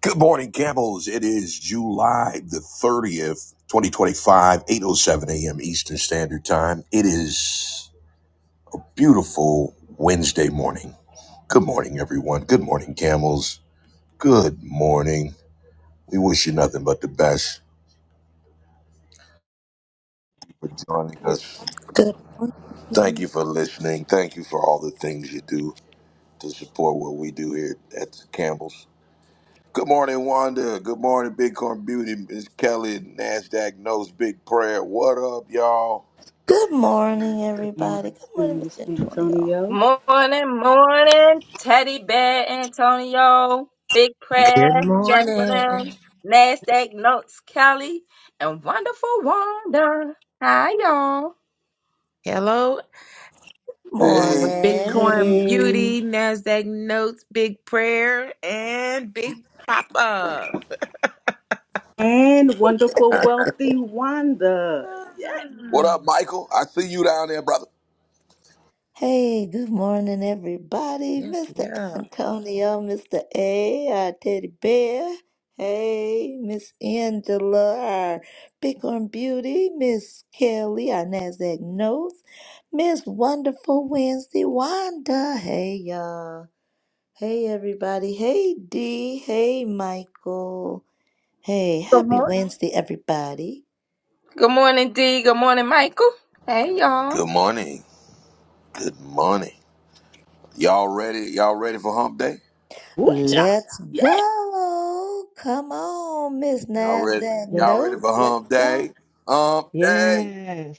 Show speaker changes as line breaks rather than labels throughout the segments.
Good morning, Camels. It is July the 30th, eight oh seven a.m. Eastern Standard Time. It is beautiful Wednesday morning. Good morning, everyone. Good morning, Camels. Good morning. We wish you nothing but the best for joining us.
Good,
Thank you for listening. Thank you for all the things you do to support what we do here at the Campbell's. Good morning, Wanda. Good morning, Bitcoin Beauty, Miss Kelly, NASDAQ knows Big Prayer. What up, y'all?
good morning,
Grand Rising,
everybody. Good morning, Mr.
Mr.
Antonio.
Antonio.
Morning, morning, Teddy Bear Antonio, Big Prayer,
Good
Jacqueline,
morning.
NASDAQ Notes Kelly, and Wonderful Wanda. Hi, y'all.
Hello,
Grand
Hey,
Bitcoin
Morning.
Rising.
Beauty, NASDAQ Notes, Big Prayer, and Big Papa.
And wonderful, wealthy Wanda.
Ah,
what up, Michael? I see you down there, brother.
Hey, good morning, everybody.
Yeah,
Mr.
yeah.
Antonio, Mr. A, our teddy bear. Hey, Miss Angela, our Bighorn Beauty. Miss Kelly, our NASDAQ notes. Miss Wonderful Wednesday, Wanda. Hey, y'all. Hey, everybody. Hey, D. Hey, Michael. Hey,
Good
happy
morning.
Wednesday, everybody.
Good morning, Dee. Good morning, Michael. Hey, y'all.
Good morning. Good morning. Y'all ready? Y'all ready for Hump Day?
Woocha.
Let's
Yeah.
go. Come on, Miss
Y'all ready?
NASDAQ
Let's,
Y'all ready
Notes.
for
Let's
Hump
go.
Day? Hump Day.
yes.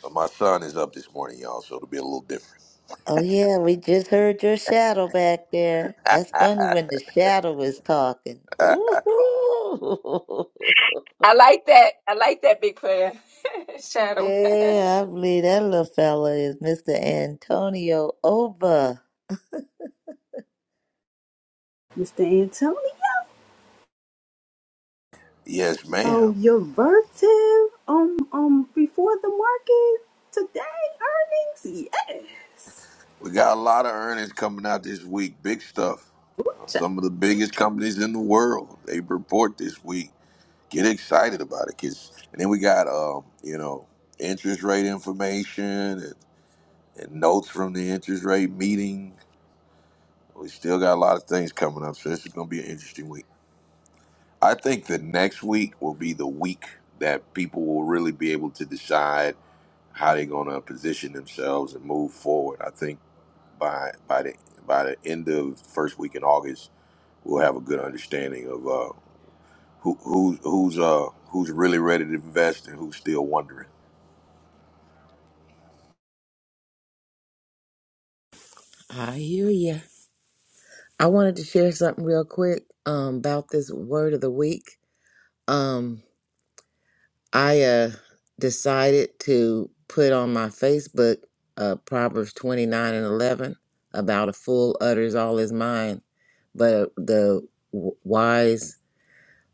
So my son is up this morning, y'all. So it'll be a little different.
Oh, yeah, we just heard your shadow back there. That's funny when the shadow is talking.
Uh,
Ooh.
I like that. I like that, Big Prayer. Shadow.
Yeah, I believe that little fella is Mr. Antonio Oba.
Mr.
yes,
Antonio,
ma'am.
your vertive um, um, before the market today earnings. Yes.
We got a lot of earnings coming out this week. Big stuff. Uh,
Woocha.
Some of the biggest companies in the world they report this week. Get excited about it, kids. And then we got, um, you know, interest rate information and. and notes from the interest rate meeting. We still got a lot of things coming up, so this is going to be an interesting week. I think the next week will be the week that people will really be able to decide how they're going to position themselves and move forward. I think by by the by the end of first week in August, we'll have a good understanding of uh, who who's who's uh who's really ready to invest and who's still wondering.
I hear you. I wanted to share something real quick um, about this word of the week. Um, I uh, decided to put on my Facebook uh, Proverbs 29 and 11 about a fool utters all his mind, but uh, the w- wise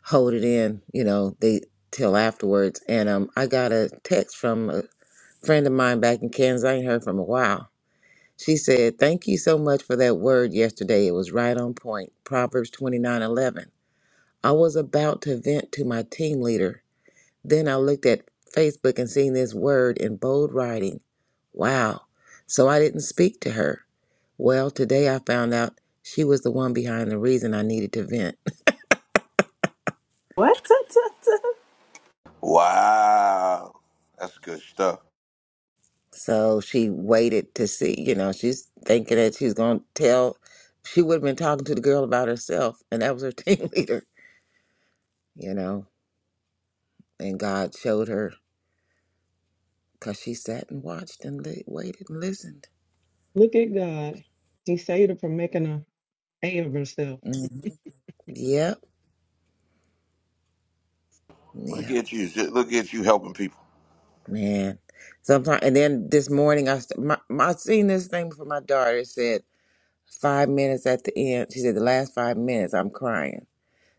hold it in, you know, they till afterwards. And um, I got a text from a friend of mine back in Kansas. I ain't heard from a while. She said, "Thank you so much for that word yesterday. It was right on point." Proverbs twenty nine eleven. I was about to vent to my team leader. Then I looked at Facebook and seen this word in bold writing. Wow. So I didn't speak to her. Well, today I found out she was the one behind the reason I needed to vent.
What? Ta, ta, ta.
Wow, that's good stuff.
So she waited to see, you know, she's thinking that she's going to tell. She would have been talking to the girl about herself, and that was her team leader, you know. And God showed her because she sat and watched and li- waited and listened.
Look at God. He saved her from making a A of herself.
hmm Yep.
Look
Yep.
at you, look at you helping people.
Man. Sometimes, and then this morning, I, st- my, my, I seen this thing for my daughter. It said, five minutes at the end. She said, the last five minutes, I'm crying.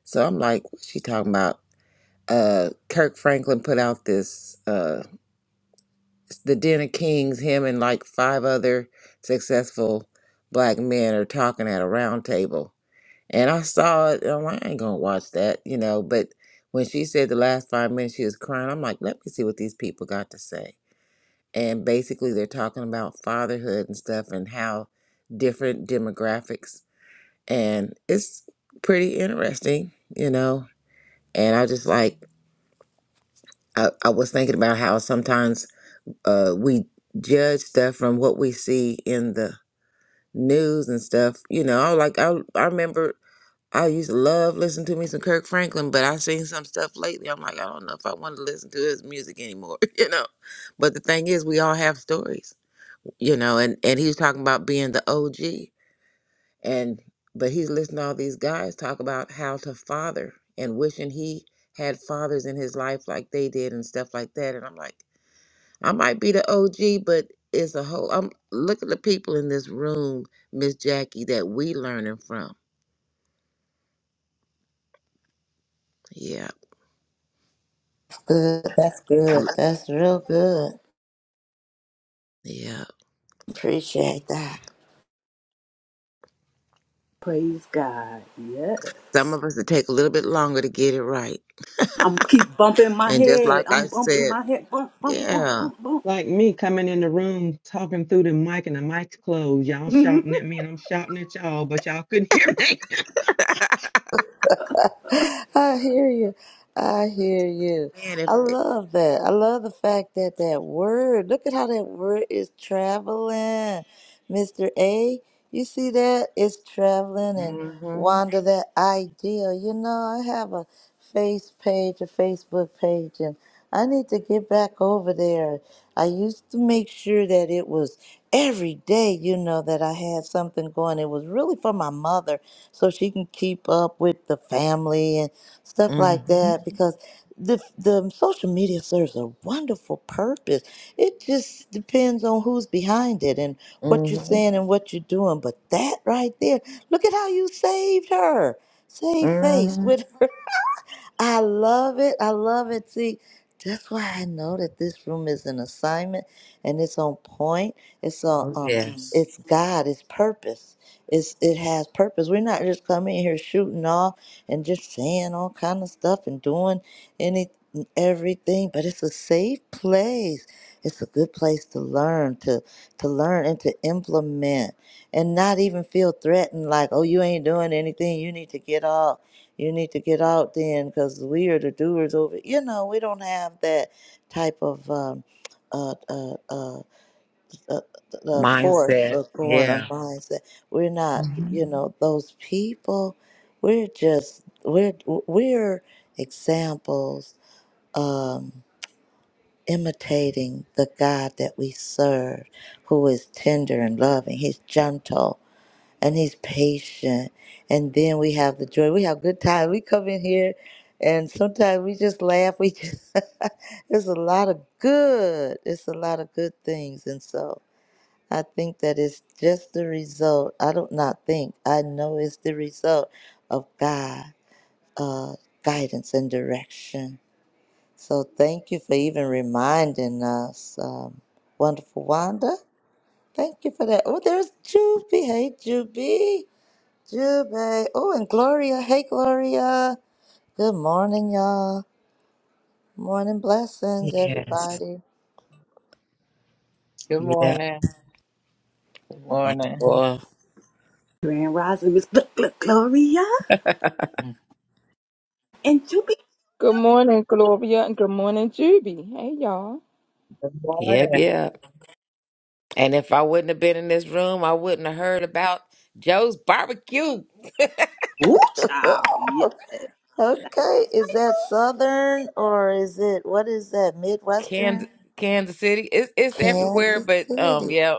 So I'm like, what's she talking about? Uh, Kirk Franklin put out this. Uh, the Den of Kings, him and like five other successful black men are talking at a round table. And I saw it, and I'm like, I ain't gonna watch that, you know. But when she said the last five minutes she was crying, I'm like, let me see what these people got to say. And basically, they're talking about fatherhood and stuff and how different demographics. And it's pretty interesting, you know. And I just like, I, I was thinking about how sometimes uh, we judge stuff from what we see in the news and stuff. You know, I like I I remember I used to love listening to me some Kirk Franklin, but I seen some stuff lately. I'm like, I don't know if I want to listen to his music anymore, you know. But the thing is, we all have stories, you know. And and he was talking about being the OG, and but he's listening to all these guys talk about how to father and wishing he had fathers in his life like they did and stuff like that. And I'm like. I might be the OG, but it's a whole. I'm look at the people in this room, Miss Jackie, that we learning from. Yeah,
Good. That's
we-
good. That's real good.
yeah.
Appreciate that.
Praise God.
Some
Yes.
of us it take a little bit longer to get it right,
I'm keep bumping my
and just
head.
like
I'm
I
bumping
said,
my head. Bump, bump, bump,
yeah,
bump, bump.
Like me coming in the room talking through the mic and the mic's closed. Y'all shouting at me and I'm shouting at y'all, but y'all couldn't hear me.
I hear you. I hear you.
man. If,
I
if
love that. I love the fact that that word, look at how that word is traveling. Mr. A, you see that? It's traveling and
hmm
wander that idea. You know, I have a face page, a Facebook page, and I need to get back over there. I used to make sure that it was every day, you know, that I had something going. It was really for my mother so she can keep up with the family and stuff
hmm
like that because the the social media serves a wonderful purpose. It just depends on who's behind it and what you're
hmm
saying and what you're doing. But that right there, look at how you saved her. Save face
hmm
with I love it. I love it. See, that's why I know that this room is an assignment and it's on point. It's on
oh,
um
yes,
it's God, it's purpose. It's it has purpose. We're not just coming in here shooting off and just saying all kind of stuff and doing any everything, but it's a safe place. It's a good place to learn, to to learn and to implement and not even feel threatened like, oh, you ain't doing anything, you need to get off you need to get out then because we are the doers over you know we don't have that type of um, uh, uh, uh, uh, the force
mindset.
of going on
Yeah.
mindset we're not
hmm
you know those people we're just we're we're examples um imitating the god that we serve who is tender and loving he's gentle and he's patient. And then we have the joy. We have good time. We come in here and sometimes we just laugh. We just there's a lot of good. It's a lot of good things. And so I think that it's just the result. I don't not think. I know it's the result of God uh guidance and direction. So thank you for even reminding us. Um, wonderful Wanda. Thank you for that. Oh, there's Juby. Hey Juby. Jube. Oh, and Gloria. Hey, Gloria. Good morning, y'all. Morning blessings,
Yes.
everybody.
Good
Yeah.
morning. Good morning.
Well,
Grand Rising, Miss Gl- Gl- Gloria. And Juby.
Good morning, Gloria, and good morning, Juby. Hey, y'all.
Good
yep.
morning.
Yeah. And if I wouldn't have been in this room, I wouldn't have heard about Joe's barbecue,
Ooh, child. Yeah.
Oh, okay. Is that Southern or is it, what is that,
Kansas,
Midwestern?
Kansas City. It's it's everywhere,
Kansas
but um,
City.
yeah,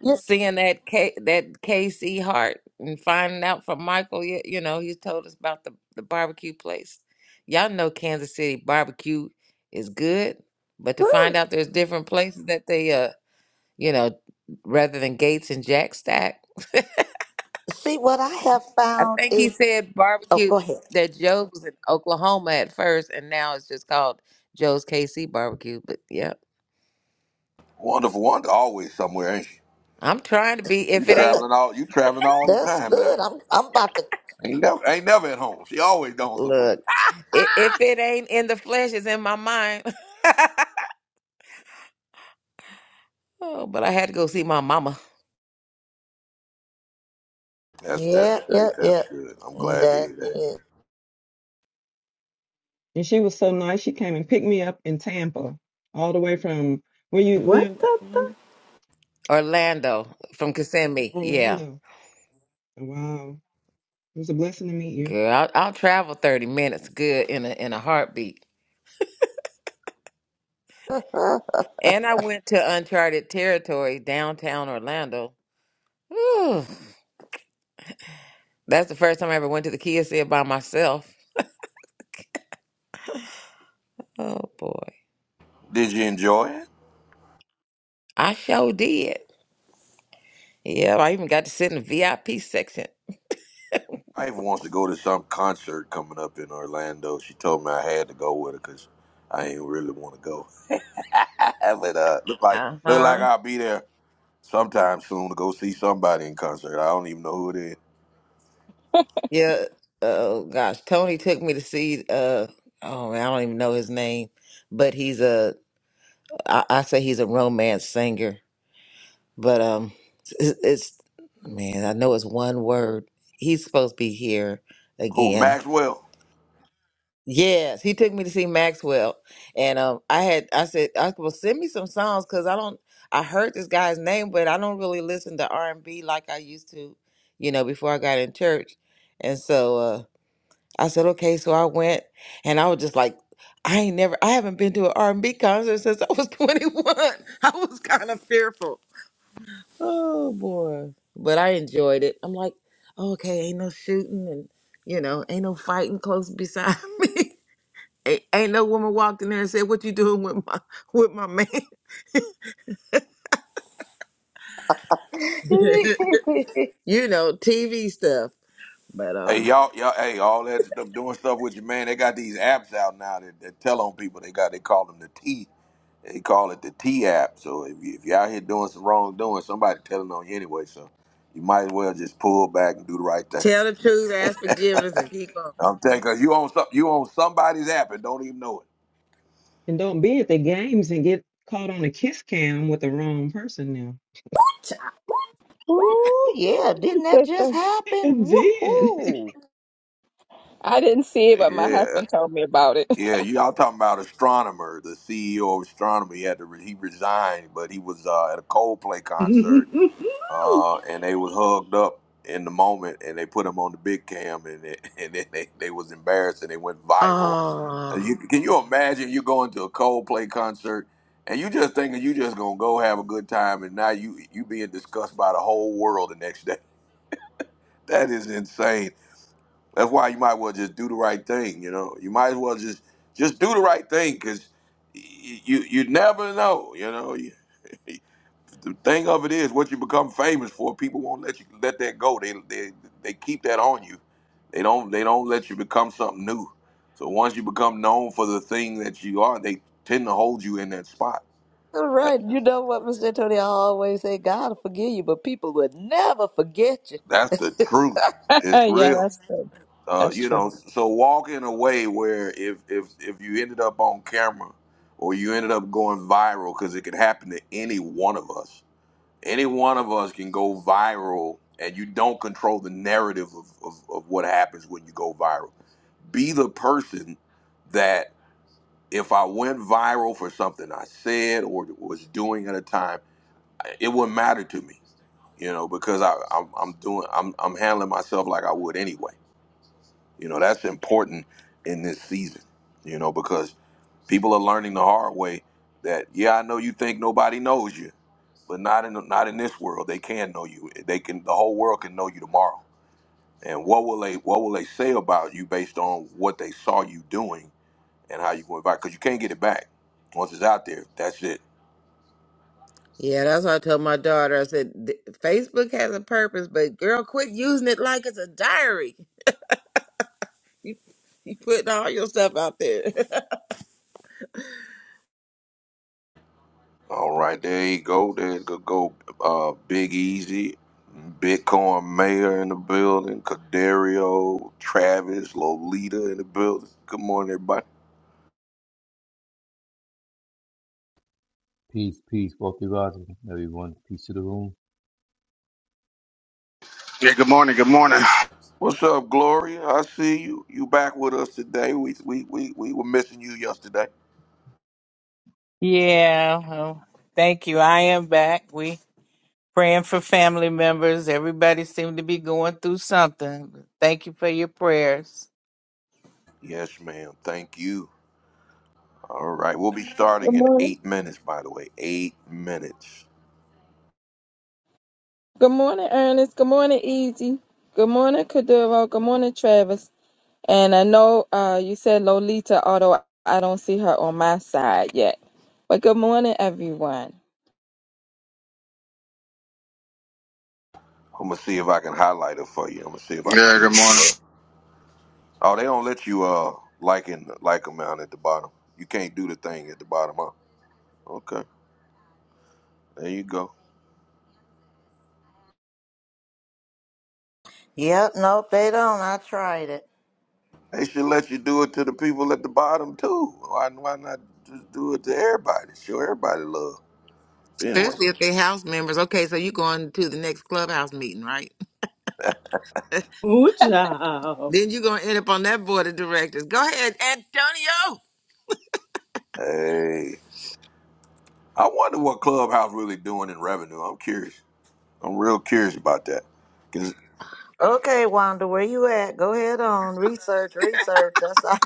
Yeah.
seeing that K, that KC Hart and finding out from Michael, you, you know, he told us about the the barbecue place. Y'all know Kansas City barbecue is good, but to find
Woo.
out there's different places that they uh, you know, rather than Gates and Jack Stack.
See, what I have
I
found
think he
is,
said
oh,
barbecue
go ahead.
that Joe's was in Oklahoma at first, and now it's just called Joe's KC Barbecue. But yeah,
Wonderful Wonder always somewhere, ain't she?
I'm trying to be.
You
If
Good.
it ain't
traveling all you traveling all the
That's
time now.
good. I'm, I'm about to,
Ain't never ain't never at home. She always gone somewhere.
look, i- if it ain't in the flesh, it's in my mind. oh, but I had to go see my mama,
That's that's
Yeah. Yeah.
great.
Yeah.
That's good. I'm glad to
That
hear that.
is.
and she was so nice. She came and picked me up in Tampa, all the way from where you
What
live,
the? the?
Wanda?
Orlando from Kissimmee. Yeah,
Orlando. Wow. It was a blessing to meet you.
girl, I'll, I'll travel 30 minutes, good in a in a heartbeat. And I went to uncharted territory, downtown Orlando. Whew. That's the first time I ever went to the Kia Center by myself. Oh boy.
Did you enjoy it?
I sure did. Yeah, I even got to sit in the VIP section.
My wife wants to go to some concert coming up in Orlando. She told me I had to go with her because I ain't really want to go. but uh, look like look like
Uh-huh.
I'll be there sometime soon to go see somebody in concert. I don't even know who it is.
Yeah. Oh gosh. Tony took me to see uh oh man, I don't even know his name. But he's a I, I say he's a romance singer. But um it's, it's man, I know it's one word. He's supposed to be here
Who?
again.
Maxwell.
Yes, he took me to see Maxwell, and um, I had I said, I, "Well, send me some songs because I don't I heard this guy's name, but I don't really listen to R and B like I used to, you know, before I got in church." And so uh, I said, "Okay," so I went, and I was just like, "I ain't never, I haven't been to an R and B concert since I was 21." I was kind of fearful. Oh boy, but I enjoyed it. I'm like, "Oh, "Okay, ain't no shooting and." You know, ain't no fighting close beside me. A- ain't no woman walked in there and said, "What you doing with my with my man?" you know, TV stuff. But
Hey
um,
y'all, y'all, hey, all that them doing stuff with your man. They got these apps out now that, that tell on people. They got they call them the T. They call it the T app. So if you if you're out here doing some wrongdoing, somebody telling on you anyway. So you might as well just pull back and do the right thing.
tell the truth, ask forgiveness, and keep on.
I'm telling you, 'cause you on some, you on somebody's app and don't even know
And don't be at the games and get caught on a kiss cam with the wrong person now.
Ooh, yeah, didn't that just
Listen,
It
happen?
did.
Woohoo!
I didn't see it,
it.
but my
Yeah,
husband told me about it.
yeah. You all talking about astronomer, the CEO of astronomy. He had to re- he resigned, but he was uh, at a Coldplay concert
Ooh,
uh, and they was hugged up in the moment, and they put them on the big cam, and it, and then they, they was embarrassed, and they went viral. And
Oh,
you, can you imagine you going to a Coldplay concert, and you just thinking you just gonna go have a good time, and now you you being discussed by the whole world the next day. That is insane. That's why you might well just do the right thing. You know, you might as well just just do the right thing because you you never know. You know, you, the thing of it is, what you become famous for, people won't let you let that go. They they they keep that on you. They don't they don't let you become something new. So once you become known for the thing that you are, they tend to hold you in that spot.
All
That-
right, you know what, Mr. Antonio, I always say, God will forgive you, but people would never forget you.
That's the truth. It's
yeah,
real.
that's true.
Uh,
That's
you
true.
know, so walk in a way where if if if you ended up on camera or you ended up going viral, because it could happen to any one of us Any one of us can go viral, and you don't control the narrative of, of, of what happens when you go viral. Be the person that if I went viral for something I said or was doing at a time, it wouldn't matter to me, you know, because I, I'm, I'm doing, I'm, I'm handling myself like I would anyway. You know, that's important in this season, you know, because people are learning the hard way that, yeah, I know you think nobody knows you but not in the, not in this world. They can know you. They can the whole world can know you tomorrow. And what will they what will they say about you based on what they saw you doing and how you went back? Because you can't get it back once it's out there. That's it.
yeah, that's what I told my daughter. I said, "Th- "Facebook has a purpose, but girl, quit using it like it's a diary. You you putting all your stuff out there,
All right, there you go. There go go uh, Big Easy, Bitcoin Mayor in the building, Cadario, Travis, Lolita in the building. Good morning, everybody.
Peace, peace, wealthy rising, everyone. Peace to the room.
Yeah, good morning. Good morning.
What's up, Gloria? I see you. You back with us today. We we we, we were missing you yesterday.
Yeah. well, thank you. I am back. We praying for family members. Everybody seemed to be going through something. Thank you for your prayers.
Yes, ma'am. Thank you. All right. We'll be
Good
starting in
morning.
eight minutes, by the way. Eight minutes.
Good morning, Ernest. Good morning, Easy. Good morning, Kaduro. Good morning, Travis. And I know uh, you said Lolita, although I don't see her on my side yet. But good morning, everyone.
I'm gonna see if I can highlight it for you. I'm gonna see if I can
Yeah,
give
good
it some
morning.
love. Oh, they don't let you uh like and like them down at the bottom. You can't do the thing at the bottom, huh? Okay. There you go.
Yep, nope, they don't. I tried it.
They should let you do it to the people at the bottom too. Why why not just do it to everybody? Show everybody love. But anyway.
especially if they house members. Okay, so you going to the next clubhouse meeting, right?
ooh, child.
Then you gonna end up on that board of directors. Go ahead, Antonio.
Hey. I wonder what Clubhouse really doing in revenue. I'm curious. I'm real curious about that.
Okay, Wanda, where you at? Go ahead on. Research, research. That's all.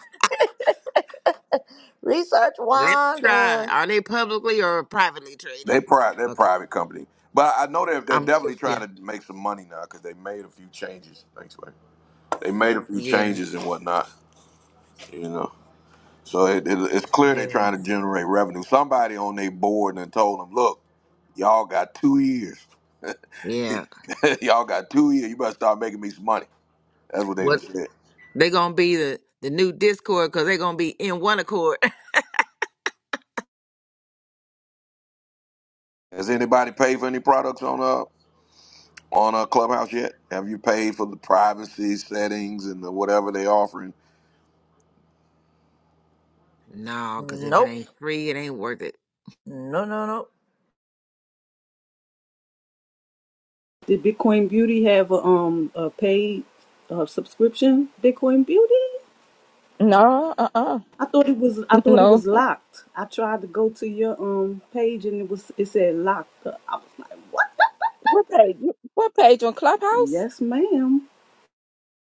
Research,
Let me try.
Wanda.
Are they publicly or privately traded?
They private, they're a
Okay.
private company, but I know they're they're
I'm sure.
definitely
Yeah.
trying to make some money now because they made a few changes. Thanks, man. They made a few
Yeah.
changes and whatnot, you know. So it, it, it's clear they're
Yeah.
trying to generate revenue. Somebody on their board and told them, "Look, y'all got two years.
Yeah.
y'all got two years. You better start making me some money." That's what they done
What
said.
they gonna be the the new Discord because they gonna be in one accord.
Has anybody paid for any products on uh on a clubhouse yet? Have you paid for the privacy settings and the whatever they offering?
no, because if it
Nope.
ain't free, it ain't worth it.
No, no, no.
Did Bitcoin Beauty have a um a paid uh, subscription? Bitcoin Beauty?
No, uh uh
I thought it was. I thought it was
no.
locked. I tried to go to your um page and it was. It said locked. I was like, what?
What page? What page on Clubhouse?
Yes, ma'am.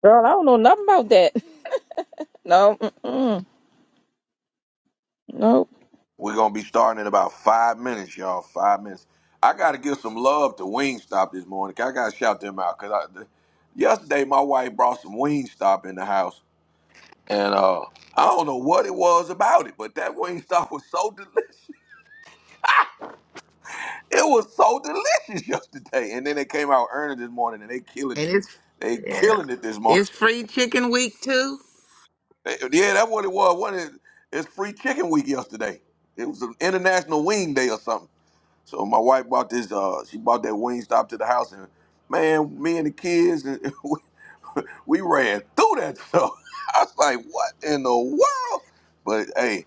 Girl, I don't know nothing about that. No, mm-mm. no.
We're gonna be starting in about five minutes, y'all. Five minutes. I gotta give some love to Wingstop this morning. I gotta shout them out because I, the, yesterday my wife brought some Wingstop in the house, and uh, I don't know what it was about it, but that Wingstop was so delicious. It was so delicious yesterday, and then they came out earning this morning, and they killing
And
it.
it's
They
yeah.
killing it this morning.
It's free chicken week too.
yeah, that's what it was. What is it's free chicken week yesterday? It was an international wing day or something. So my wife bought this. Uh, she bought that Wingstop to the house, and man, me and the kids, and we we ran through that stuff. I was like, "What in the world?" But hey,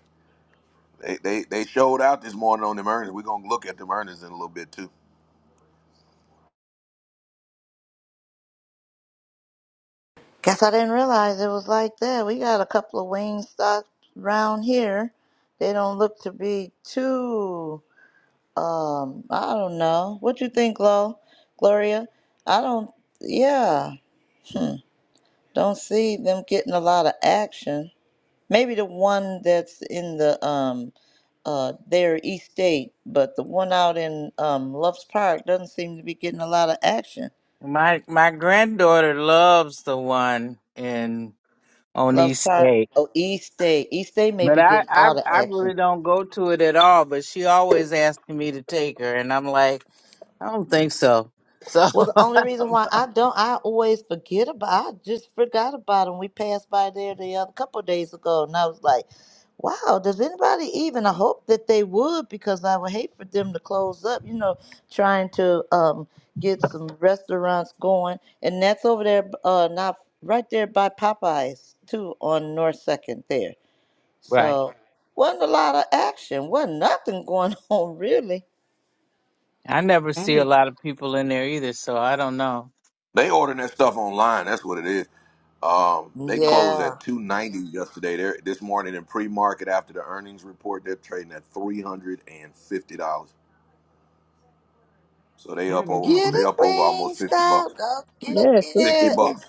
they they, they showed out this morning on them earnings. We're gonna look at them earnings in a little bit too.
Guess I didn't realize it was like that. We got a couple of wing stops around here. They don't look to be too Um, I don't know. What you think, Glo? Gloria? I don't. Yeah. Hmm. Don't see them getting a lot of action. Maybe the one that's in the um uh their East State, but the one out in um Love's Park doesn't seem to be getting a lot of action.
My my granddaughter loves the one in on
Love's
East
Park.
State.
Oh, East State. East State may
But
be
I,
getting
I
all
I
the action.
really don't go to it at all, but she always asking me to take her and I'm like, I don't think so. So
Well, the only reason why I don't, I always forget about. I just forgot about them. We passed by there the other couple of days ago, and I was like, "Wow, does anybody even?" I hope that they would, because I would hate for them to close up. You know, trying to um get some restaurants going, and that's over there, uh, not right there by Popeyes too, on North Second there.
Right.
So wasn't a lot of action. wasn't nothing going on really.
I never
I
see a
haven't
lot of people in there either, so I don't know.
They ordering that stuff online. That's what it is. Um, they closed
Yeah.
at two ninety yesterday. They're, this morning in pre market after the earnings report, they're trading at three hundred and fifty dollars. So they
I
up
haven't
over
Get
bought.
they
it,
up over almost fifty bucks,
Wingstop. Go get
Yeah,
sixty
50
it.
bucks.
bucks.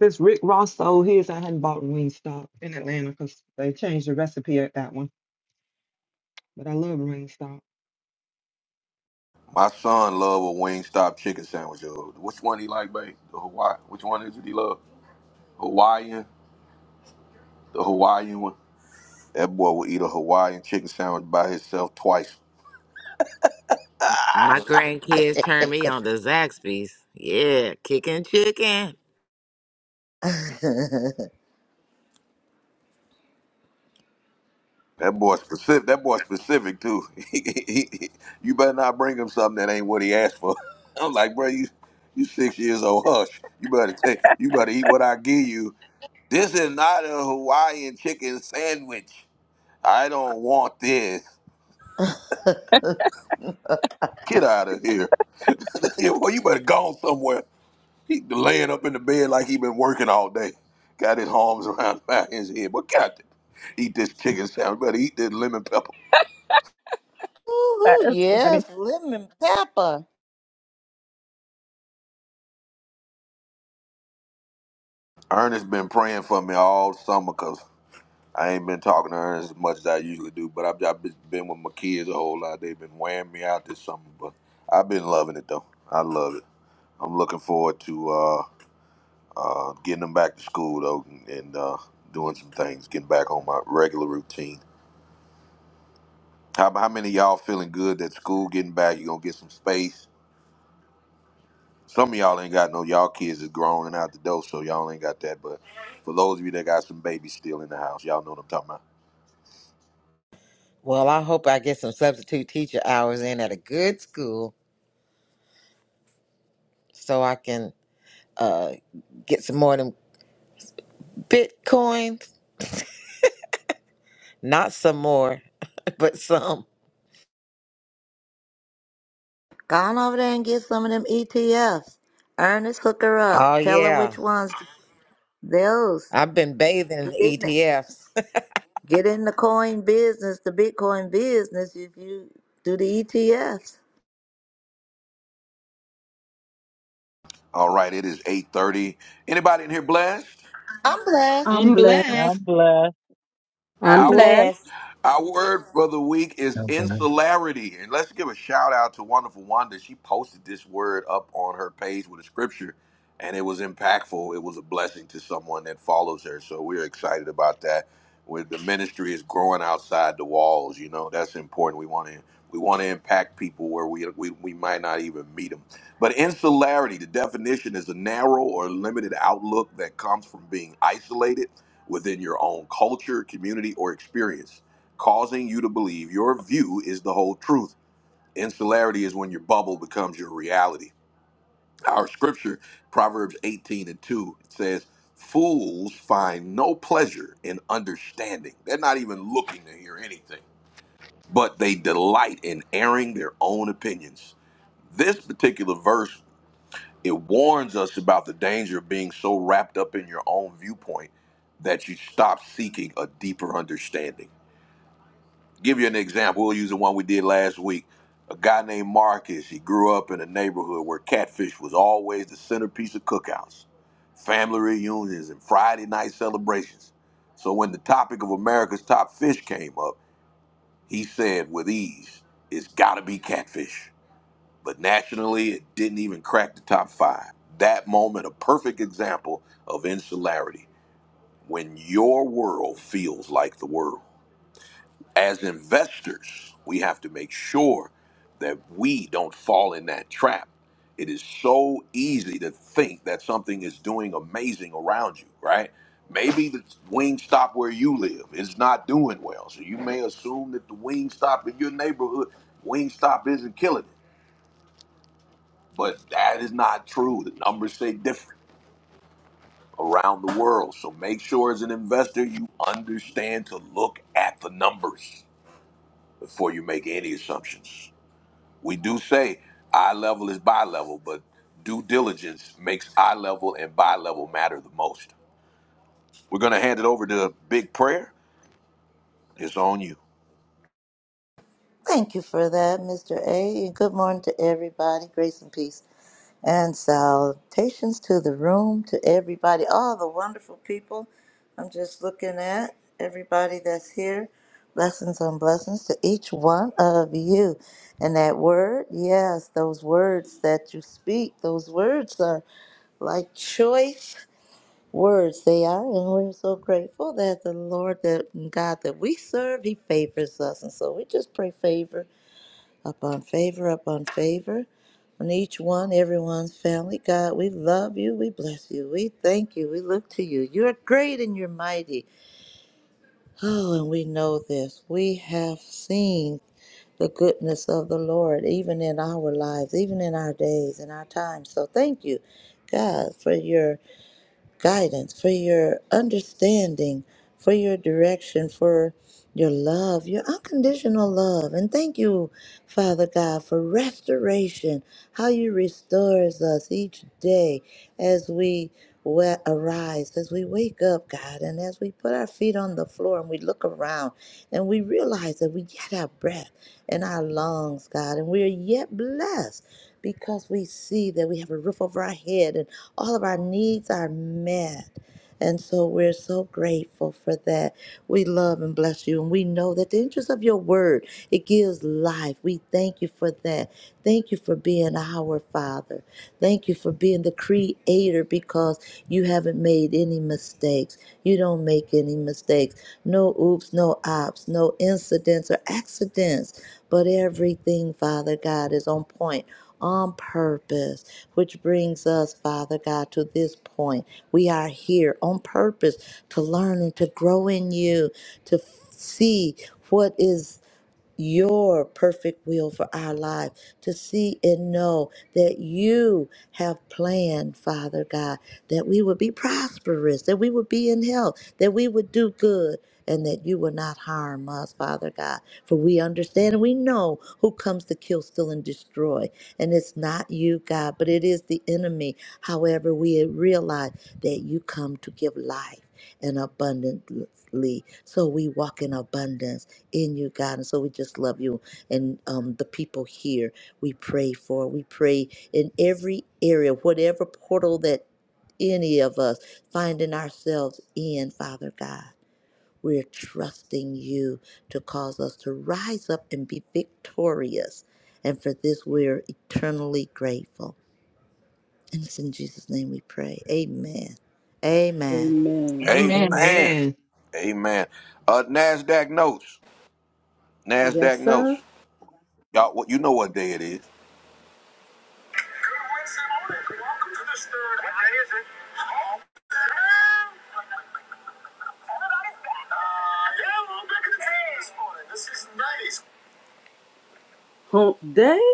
Since Rick Ross sold his, I hadn't bought Wingstop in Atlanta because they changed the recipe at that one. But I love Wingstop.
My son love a Wingstop chicken sandwich. yo. Which one he like, babe? The Hawaii. Which one is it he love? Hawaiian. The Hawaiian one. That boy will eat a Hawaiian chicken sandwich by himself twice.
My grandkids turned me on to Zaxby's. Yeah, kicking chicken.
That boy specific. That boy specific too. He- he- he- you better not bring him something that ain't what he asked for. I'm like, bro, you you six years old. Hush. You better take. You better eat what I give you. This is not a Hawaiian chicken sandwich. I don't want this. Get out of here. well, you better go somewhere. He laying up in the bed like he been working all day. Got his arms around his head. But Captain, eat this chicken sandwich. Better eat this lemon pepper.
Ooh,
That's funny.
yes, lemon pepper.
Ernest been praying for me all summer because I ain't been talking to Ernest as much as I usually do. But I've, I've been with my kids a whole lot. They've been wearing me out this summer. But I've been loving it, though. I love it. I'm looking forward to uh, uh, getting them back to school, though, and and uh, doing some things, getting back on my regular routine. How, how many of y'all feeling good that school getting back? You're going to get some space Some of y'all ain't got no y'all kids is grown and out the door, so y'all ain't got that. But for those of you that got some babies still in the house, y'all know what I'm talking about.
Well, I hope I get some substitute teacher hours in at a good school so I can uh get some more of them. Bitcoins, not some more, but some.
Go on over there and get some of them ETFs. Ernest, hook her
Oh
up. Tell her
yeah,
which ones. Those.
I've been bathing in
Get in
the
there.
ETFs.
Get in the coin business, the Bitcoin business, if you do the ETFs.
All right, it is 8:30. Anybody in here blessed?
I'm
I'm
blessed.
I'm
blessed.
I'm
blessed.
blessed.
I'm
I'm
Our word,
blessed.
blessed.
our word for the week is
Okay.
insularity. And let's give a shout out to Wonderful Wanda. She posted this word up on her page with a scripture, and it was impactful. It was a blessing to someone that follows her. So we're excited about that. Where the ministry is growing outside the walls, you know, that's important. We want to we want to impact people where we, we we might not even meet them. But insularity, the definition is a narrow or limited outlook that comes from being isolated within your own culture, community, or experience, causing you to believe your view is the whole truth. Insularity is when your bubble becomes your reality. Our scripture, Proverbs 18 and 2, it says, Fools find no pleasure in understanding. They're not even looking to hear anything, but they delight in airing their own opinions. This particular verse it warns us about the danger of being so wrapped up in your own viewpoint that you stop seeking a deeper understanding. Give you an example. We'll use the one we did last week. A guy named Marcus, he grew up in a neighborhood where catfish was always the centerpiece of cookouts, family reunions, and Friday night celebrations. So when the topic of America's top fish came up, he said with ease, it's gotta be catfish but nationally it didn't even crack the top five. That moment, a perfect example of insularity when your world feels like the world. As investors, we have to make sure that we don't fall in that trap. It is so easy to think that something is doing amazing around you, right? Maybe the Wingstop where you live is not doing well. So you may assume that the Wingstop in your neighborhood, Wingstop isn't killing it. But that is not true. The numbers say different around the world. So make sure as an investor you understand to look at the numbers before you make any assumptions. We do say eye level is buy level, but due diligence makes eye level and buy level matter the most. We're going to hand it over to Big Prayer. It's on you.
Thank you for that, Mr. A. And good morning to everybody. Grace and peace. And salutations to the room, to everybody, all the wonderful people I'm just looking at, everybody that's here. Blessings on blessings to each one of you. And that word, yes, those words that you speak, those words are like choice words they are and we're so grateful that the lord that god that we serve he favors us and so we just pray favor upon favor upon favor on each one, everyone's family. God, we love you. We bless you. We thank you. We look to you. You're great and you're mighty. Oh, and we know this. We have seen the goodness of the Lord, even in our lives, even in our days in our times. So thank you, God, for your guidance, for your understanding, for your direction, for your love, your unconditional love. And thank you, Father God, for restoration, how you restores us each day as we wa- arise, as we wake up, God, and as we put our feet on the floor and we look around and we realize that we get our breath in our lungs, God, and we are yet blessed because we see that we have a roof over our head and all of our needs are met. And so we're so grateful for that. We love and bless you. And we know that the interest of your word, it gives life. We thank you for that. Thank you for being our Father. Thank you for being the creator because you haven't made any mistakes. You don't make any mistakes. No oops, no ops, no incidents or accidents. But everything, Father God, is on point, on purpose, which brings us, Father God, to this point. We are here on purpose to learn and to grow in you, to f- see what is your perfect will for our life to see and know that you have planned father god that we would be prosperous that we would be in health that we would do good and that you will not harm us father god for we understand and we know who comes to kill steal and destroy and it's not you god but it is the enemy however we realize that you come to give life and abundantly so we walk in abundance in you, God. And so we just love you and um, the people here we pray for. We pray in every area, whatever portal that any of us finding ourselves in, Father God. We're trusting you to cause us to rise up and be victorious. And for this, we're eternally grateful. And it's in Jesus' name we pray. Amen. Amen.
Amen.
Amen.
Amen.
Amen.
Amen. Uh, NASDAQ notes. NASDAQ
Yes, sir.
notes. Y'all, what you know what day it is.
Good Wednesday morning. Welcome to this third. What day is it? Oh, Everybody's back. Uh, yeah, we're back in the town this morning. This is nice. Hump day.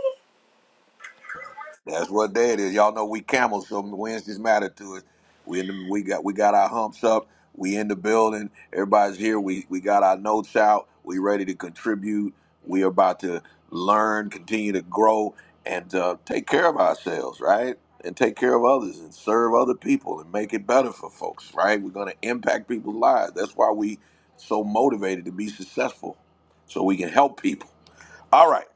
That's what day it is. Y'all know we camels, so Wednesdays matter to us. We in the, we got we got our humps up. We in the building. Everybody's here. We we got our notes out. We ready to contribute. We are about to learn, continue to grow, and uh, take care of ourselves, right? And take care of others, and serve other people, and make it better for folks, right? We're gonna impact people's lives. That's why we so motivated to be successful, so we can help people. All right.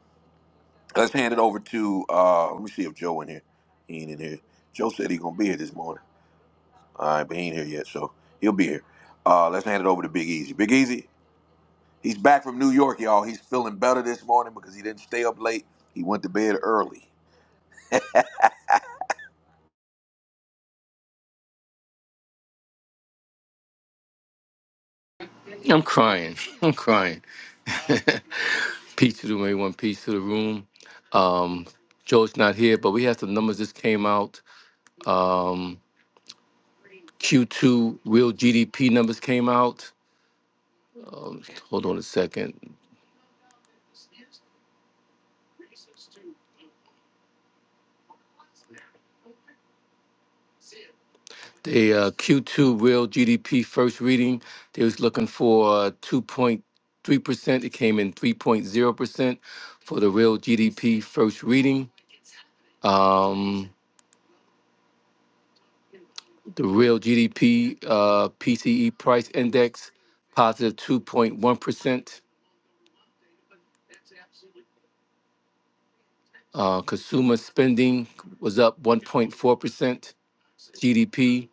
Let's hand it over to. uh Let me see if Joe in here. He ain't in here. Joe said he gonna be here this morning. All right, but he ain't here yet, so he'll be here. Uh Let's hand it over to Big Easy. Big Easy, he's back from New York, y'all. He's feeling better this morning because he didn't stay up late. He went to bed early.
I'm crying. I'm crying. peace to the room, everyone. Peace to the room. Um, Joe's not here, but we had some numbers that came out. Um, Q2 real GDP numbers came out. Um, hold on a second. The uh, Q2 real GDP first reading, they was looking for uh, 2.3%. It came in 3.0% for the real GDP first reading. Um, The real GDP uh, PCE price index 2.1%. Uh, consumer spending was up 1.4%. GDP,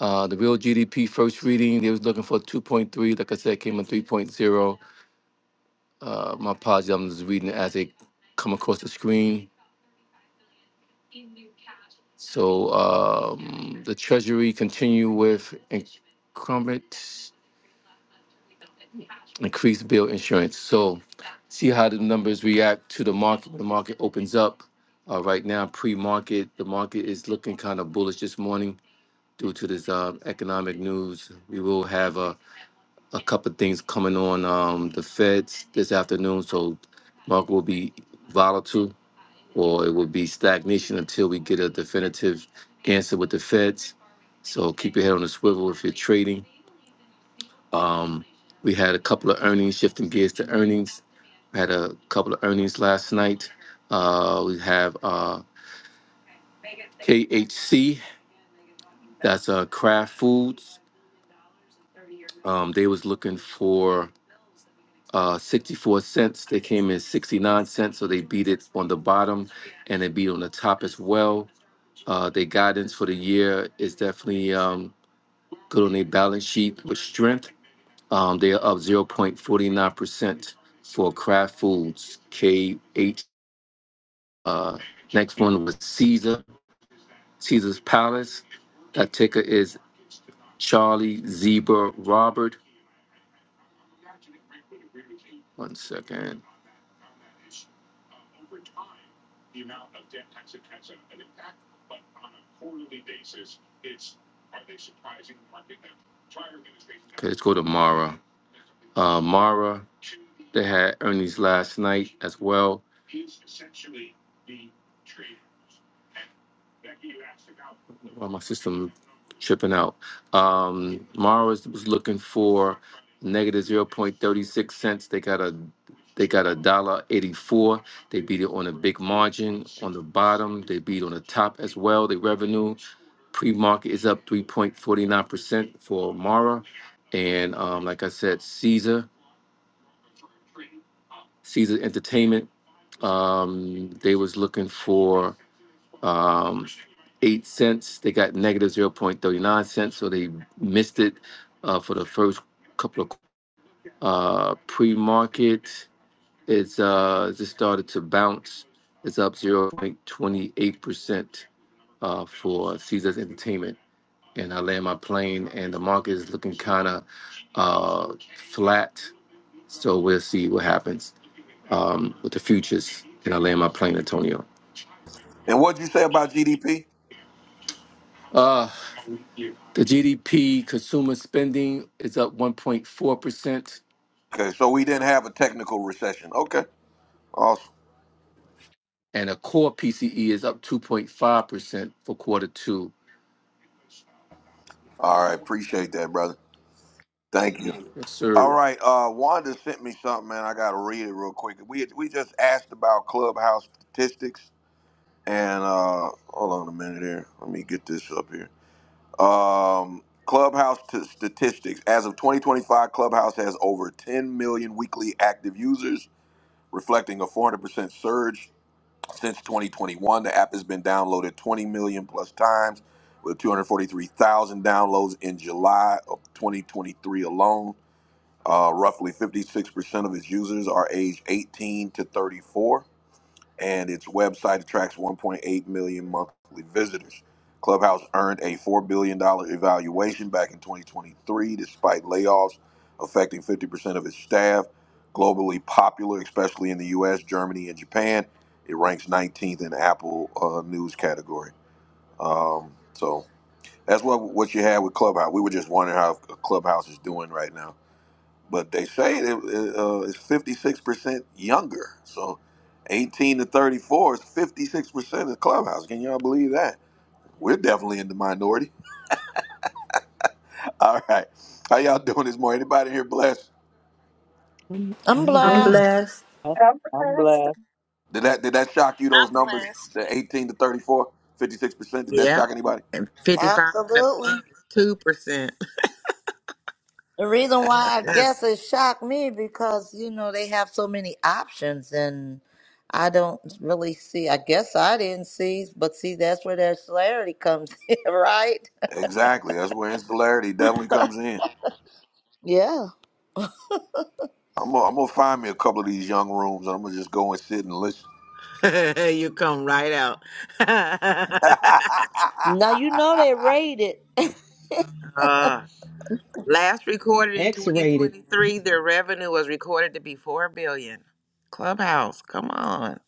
uh, the real GDP first reading, they was looking for 2.3. Like I said, came in 3.0. Uh, my apologies, I'm just reading it as they come across the screen. So um, the Treasury continue with incumbent. increase bill insurance. So see how the numbers react to the market. The market opens up. Uh, right now, pre-market, the market is looking kind of bullish this morning due to this uh, economic news. We will have a, a couple of things coming on um, the Feds this afternoon, so market will be volatile or it will be stagnation until we get a definitive answer with the Feds. So keep your head on the swivel if you're trading. Um, we had a couple of earnings, shifting gears to earnings. We had a couple of earnings last night. Uh, we have uh, KHC, that's uh, Kraft Foods. Um, they was looking for uh, 64 cents. They came in 69 cents, so they beat it on the bottom and they beat on the top as well. Uh, their guidance for the year is definitely um, good on their balance sheet with strength. Um, they are up 0.49% for Kraft Foods, KH. Uh, next one was Caesar, Caesar's Palace. That ticker is Charlie Zebra Robert. One second. Okay, let's go to Mara. Uh, Mara, they had earnings last night as well. Well, my system tripping out. Um, Morrow is, was looking for negative zero point thirty six cents. They got a they got a dollar eighty four. They beat it on a big margin on the bottom. They beat on the top as well. The revenue pre market is up three point forty nine percent for Mara, and um, like I said, Caesar Caesar Entertainment. Um, they was looking for um, eight cents. They got negative zero point thirty nine cents, so they missed it uh, for the first couple of uh, pre market. It's uh, just started to bounce. It's up zero point twenty eight percent uh, for Caesars Entertainment. And I land my plane, and the market is looking kind of uh, flat. So we'll see what happens um, with the futures. And I land my plane, Antonio.
And what'd you say about GDP?
Uh, The GDP consumer spending is up 1.4%,
Okay, so we didn't have a technical recession. Okay, awesome.
and a core PCE is up 2.5% for quarter two.
All right, appreciate that, brother. Thank you.
Yes,
All
sir.
right, uh, Wanda sent me something, man. I gotta read it real quick. We we just asked about clubhouse statistics. and uh, hold on a minute here. Let me get this up here. Um, Clubhouse t- statistics. As of 2025, Clubhouse has over 10 million weekly active users, reflecting a 400% surge since 2021. The app has been downloaded 20 million plus times, with 243,000 downloads in July of 2023 alone. Uh, roughly 56% of its users are aged 18 to 34 and its website attracts 1.8 million monthly visitors. Clubhouse earned a $4 billion dollars evaluation back in 2023 despite layoffs affecting 50% of its staff. Globally popular, especially in the US, Germany, and Japan, it ranks 19th in the Apple uh, News category. Um, so that's what, what you had with Clubhouse. We were just wondering how Clubhouse is doing right now but they say it, uh, it's 56% younger. So 18 to 34 is 56% of the clubhouse. Can y'all believe that? We're definitely in the minority. All right. How y'all doing this morning? Anybody here blessed?
I'm,
I'm
I'm
I'm
blessed.
blessed.
blessed.
I'm
I'm blessed.
blessed.
Did that did that shock you those
I'm
numbers?
blessed.
The 18 to thirty four, fifty six percent Did that
Yeah,
shock anybody?
and fifty-five and
Absolutely.
above is two percent.
The reason why I
Yes,
guess it shocked me because you know they have so many options and I don't really see. I guess I didn't see, but see that's where their celerity comes in, right?
Exactly. That's where insularity definitely comes in.
Yeah.
I'm gonna, I'm gonna find me a couple of these young rooms and I'm gonna just go and sit and listen.
you come right out.
Now you know they
that
rated.
Uh, last recorded in
X-rated.
2023, their revenue was recorded to be four billion. Clubhouse, come on,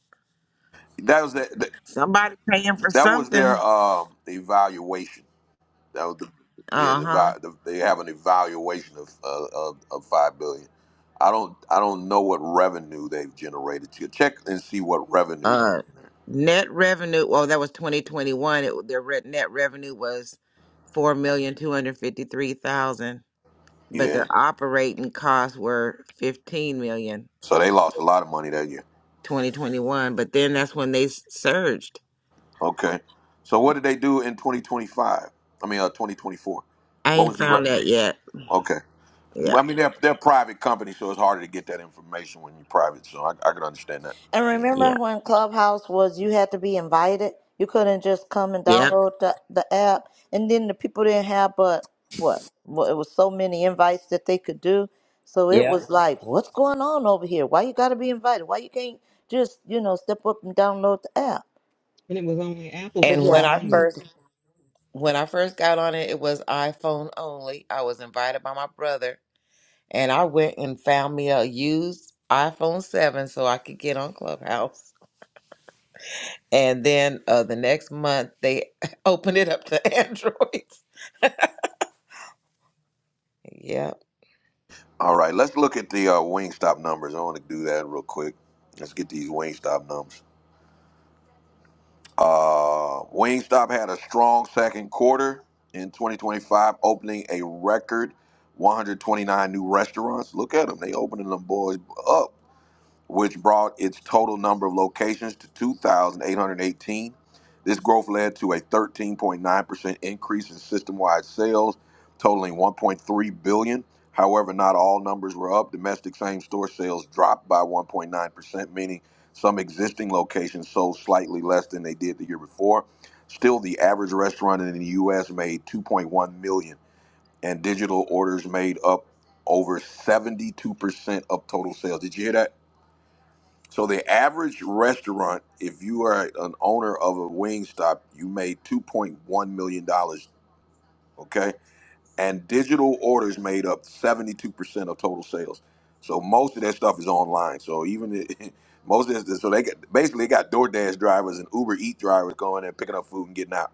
was that.
somebody paying for
That was their
something.
um, evaluation. That was the yeah.
Uh
The,
huh.
eva- the, they have an evaluation of, uh, of of five billion. I don't I don't know what revenue they've generated. To check and see what revenue. They
Uh,
generated.
net revenue. Well, that was 2021. It, their re- net revenue was four million two hundred fifty three thousand, but their
Yeah.
operating costs were fifteen million
So they lost a lot of money that year.
twenty twenty one. But then that's when they s- surged.
Okay. So what did they do in 2025? I mean, uh, 2024.
I
What was
ain't
the re-
found that yet.
okay?
Yeah,
I mean, they're they're private company, so it's harder to get that information when you're private. So I, I can understand that.
And remember
yeah,
when Clubhouse was you had to be invited? You couldn't just come and Right.
yeah,
download the, the app. And then the people didn't have but what? Well, it was so many invites that they could do. So it
yeah.
was Mhm. like, what's going on over here? Why you got to be invited? Why you can't just, you know, step up and download the app?
And it was only Apple
But
And
for a
when
yeah, I
I
moment.
need to-
first when I first got on it, it was iPhone only. I was invited by my brother, and I went and found me a used iPhone seven so I could get on Clubhouse. And then uh, the next month, they opened it up to androids. Yep.
All right, let's look at the uh, Wingstop numbers. I want to do that real quick. Let's get these Wingstop numbers. Uh, Wingstop had a strong second quarter in 2025, opening a record 129 new restaurants. Look at them; they opening them boys up which brought its total number of locations to 2,818. This growth led to a 13.9% increase in system-wide sales, totaling 1.3 billion. dollars. However, not all numbers were up. Domestic same-store sales dropped by 1.9%, meaning some existing locations sold slightly less than they did the year before. Still, the average restaurant in the U.S. made 2.1 million, dollars, and digital orders made up over 72% of total sales. Did you hear that? So the average restaurant, if you are an owner of a Wingstop, you made two point one million dollars. Okay, and digital orders made up seventy two percent of total sales. So most of that stuff is online. So even it, most of this, so they got, basically they got DoorDash drivers and Uber Eat drivers going and picking up food and getting out.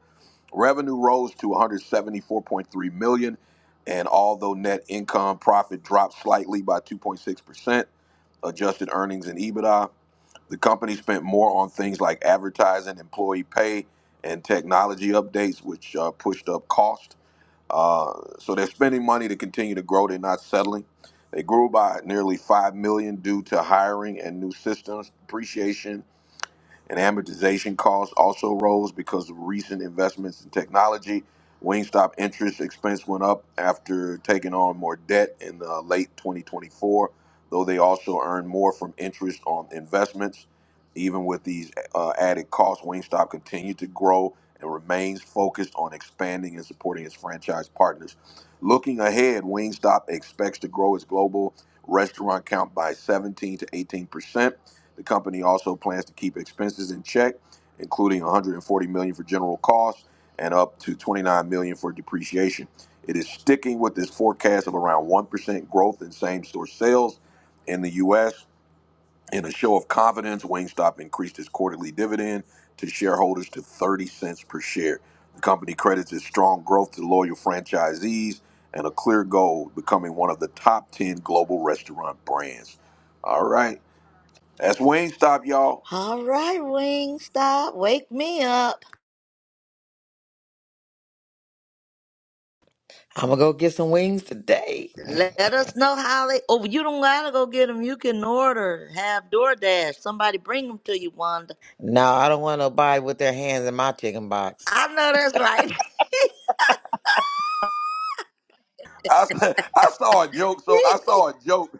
Revenue rose to one hundred seventy four point three million, and although net income profit dropped slightly by two point six percent, adjusted earnings and EBITDA the company spent more on things like advertising, employee pay, and technology updates, which uh, pushed up cost. Uh, so they're spending money to continue to grow. They're not settling. They grew by nearly five million due to hiring and new systems, depreciation, and amortization costs also rose because of recent investments in technology. Wingstop interest expense went up after taking on more debt in uh, late 2024, though they also earned more from interest on investments. Even with these uh, added costs, Wingstop continued to grow and remains focused on expanding and supporting its franchise partners. Looking ahead, Wingstop expects to grow its global restaurant count by 17 to 18 percent the company also plans to keep expenses in check, including 140 million dollars for general costs and up to 29 million dollars for depreciation. It is sticking with this forecast of around 1% growth in same-store sales in the US. In a show of confidence, Wingstop increased its quarterly dividend to shareholders to 30 cents per share. The company credits its strong growth to loyal franchisees and a clear goal of becoming one of the top 10 global restaurant brands. All right. That's Wingstop, y'all.
all right, Wingstop, wake me up.
I'm going to go get some wings today.
Let us know how they. Oh, you don't gotta go get them. You can order, have DoorDash. Somebody bring them to you, Wanda.
No, I don't want nobody with their hands in my chicken box.
I know that's right.
I, s- I saw a joke. So I saw a joke.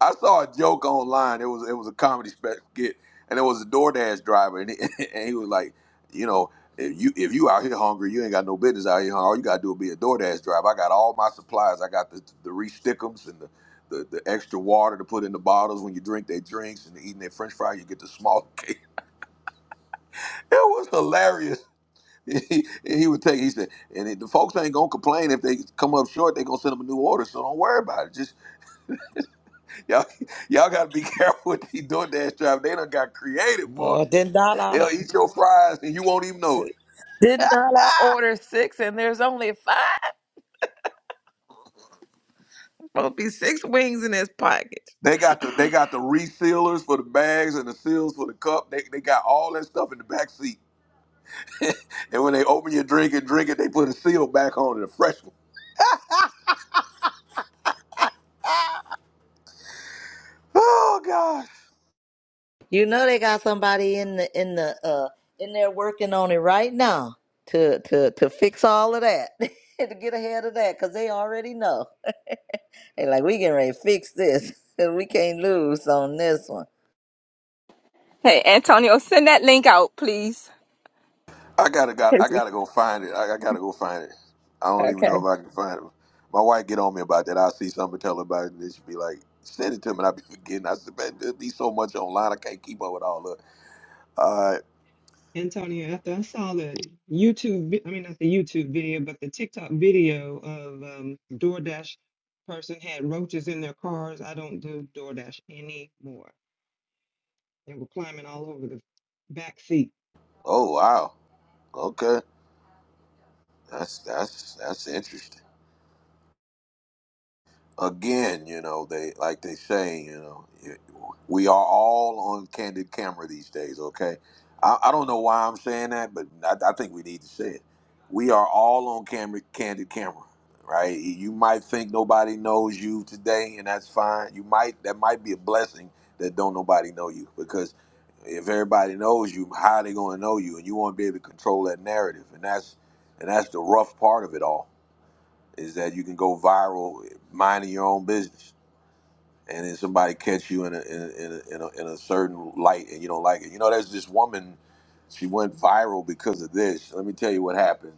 I saw a joke online. It was it was a comedy special skit, and it was a DoorDash driver, and he, and he was like, you know, if you if you out here hungry, you ain't got no business out here. hungry. All you gotta do is be a DoorDash driver. I got all my supplies. I got the the re-stickums and the, the the extra water to put in the bottles when you drink their drinks and eating their French fry. You get the small cake. It was hilarious. He, he would take. He said, and it, the folks ain't gonna complain if they come up short. They gonna send them a new order. So don't worry about it. Just Y'all, y'all gotta be careful with these DoorDash drivers. They done got creative, boy.
Boy, didn't I,
They'll eat your fries and you won't even know it.
see, didn't I order six and there's only five? Supposed to be six wings in his pocket.
They got the they got the resealers for the bags and the seals for the cup. They, they got all that stuff in the back seat. And when they open your drink and drink it, they put a seal back on it, a fresh one. Oh gosh.
You know they got somebody in the in the uh in there working on it right now to to to fix all of that to get ahead of that because they already know. They like we getting ready to fix this. We can't lose on this one.
Hey, Antonio, send that link out, please.
I gotta got I gotta go find it. I, I gotta go find it. I don't even
Okay.
know if I can find it. My wife get on me about that. I see something tell her about it, and she be like, "Send it to me." And I be forgetting. I said, "Man, there be so much online. I can't keep up with all of it." All right.
Antonio, after I saw the YouTube, vi- I mean, not the YouTube video, but the TikTok video of um, DoorDash person had roaches in their cars. I don't do DoorDash anymore. They were climbing all over the back seat.
Oh wow. Okay. That's that's that's interesting. again, you know, they like they say, you know, we are all on candid camera these days. Okay, I, I don't know why I'm saying that, but I, I think we need to say it. We are all on camera, candid camera, right? You might think nobody knows you today, and that's fine. You might that might be a blessing that don't nobody know you because if everybody knows you, how are they gonna know you? And you won't be able to control that narrative, and that's and that's the rough part of it all is that you can go viral minding your own business and then somebody catch you in a in a, in a, in a, in a certain light and you don't like it you know there's this woman she went viral because of this let me tell you what happened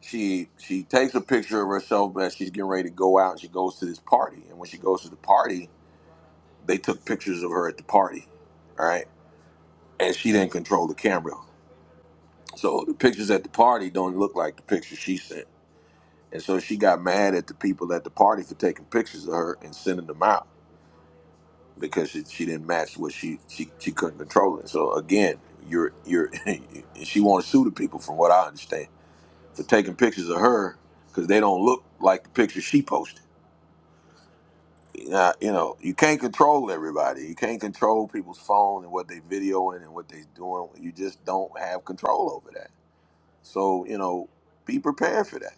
she she takes a picture of herself as she's getting ready to go out and she goes to this party and when she goes to the party they took pictures of her at the party all right and she didn't control the camera so the pictures at the party don't look like the pictures she sent and so she got mad at the people at the party for taking pictures of her and sending them out because she, she didn't match what she, she she couldn't control it. So again, you're you're she wants to sue the people from what I understand for taking pictures of her because they don't look like the picture she posted. Now, you know you can't control everybody. You can't control people's phone and what they videoing and what they doing. You just don't have control over that. So you know be prepared for that.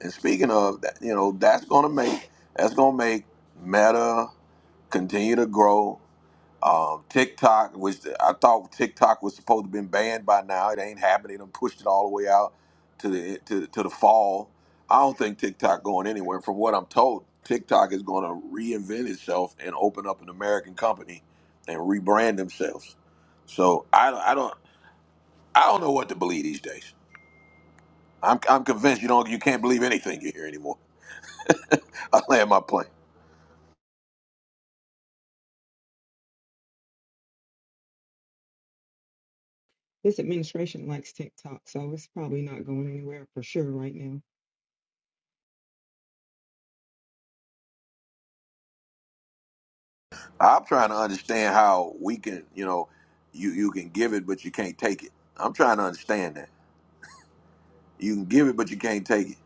And speaking of that, you know that's gonna make that's gonna make Meta continue to grow Um, TikTok, which I thought TikTok was supposed to have been banned by now, it ain't happening. They done pushed it all the way out to the to, to the fall. I don't think TikTok going anywhere. From what I'm told, TikTok is going to reinvent itself and open up an American company and rebrand themselves. So I, I don't I don't know what to believe these days. I'm, I'm convinced you don't you can't believe anything you hear anymore. I land my plane.
This administration likes TikTok, so it's probably not going anywhere for sure right now.
I'm trying to understand how we can you know you you can give it but you can't take it. I'm trying to understand that. You can give it, but you can't take it.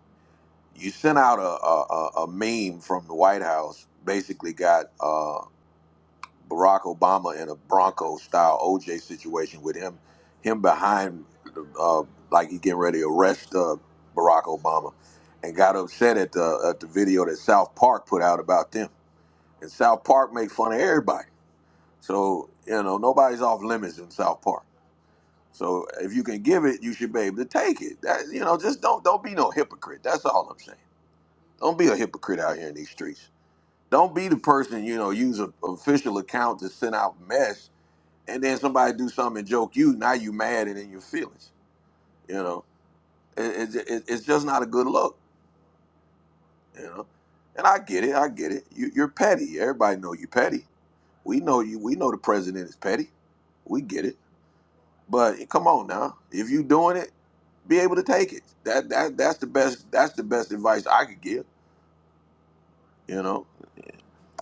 You sent out a a, a, meme from the White House, basically got uh, Barack Obama in a Bronco style OJ situation with him him behind, uh, like he getting ready to arrest uh, Barack Obama, and got upset at the at the video that South Park put out about them. And South Park make fun of everybody, so you know nobody's off limits in South Park. So if you can give it, you should be able to take it. That, you know, just don't don't be no hypocrite. That's all I'm saying. Don't be a hypocrite out here in these streets. Don't be the person, you know, use an official account to send out mess, and then somebody do something and joke you. Now you mad and in your feelings. You know, it, it, it- it's just not a good look. You know, and I get it. I get it. You, you're petty. Everybody know you petty. We know you. We know the president is petty. We get it. But come on now, if you doing it, be able to take it. That that that's the best. That's the best advice I could give. You know.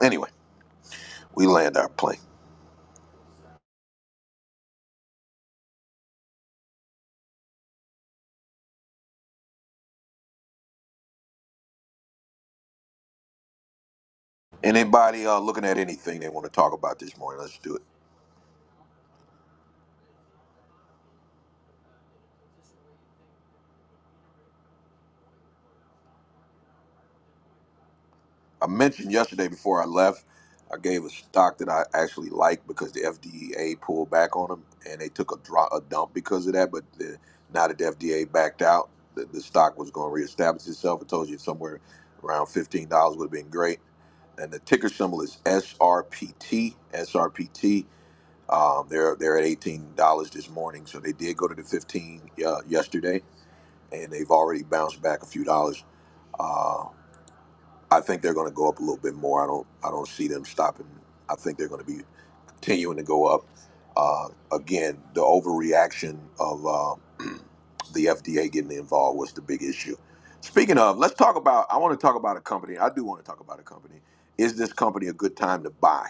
Anyway, we land our plane. Anybody uh, looking at anything they want to talk about this morning? Let's do it. I mentioned yesterday before I left, I gave a stock that I actually like because the FDA pulled back on them and they took a drop, a dump because of that. But the, now that the FDA backed out, the, the stock was going to reestablish itself. I told you somewhere around fifteen dollars would have been great. And the ticker symbol is SRPT. SRPT. Um, they're they're at eighteen dollars this morning, so they did go to the fifteen uh, yesterday, and they've already bounced back a few dollars Uh, I think they're going to go up a little bit more. I don't I don't see them stopping. I think they're going to be continuing to go up. Uh, again, the overreaction of uh, the FDA getting involved was the big issue. Speaking of, let's talk about. I want to talk about a company. I do want to talk about a company. Is this company a good time to buy?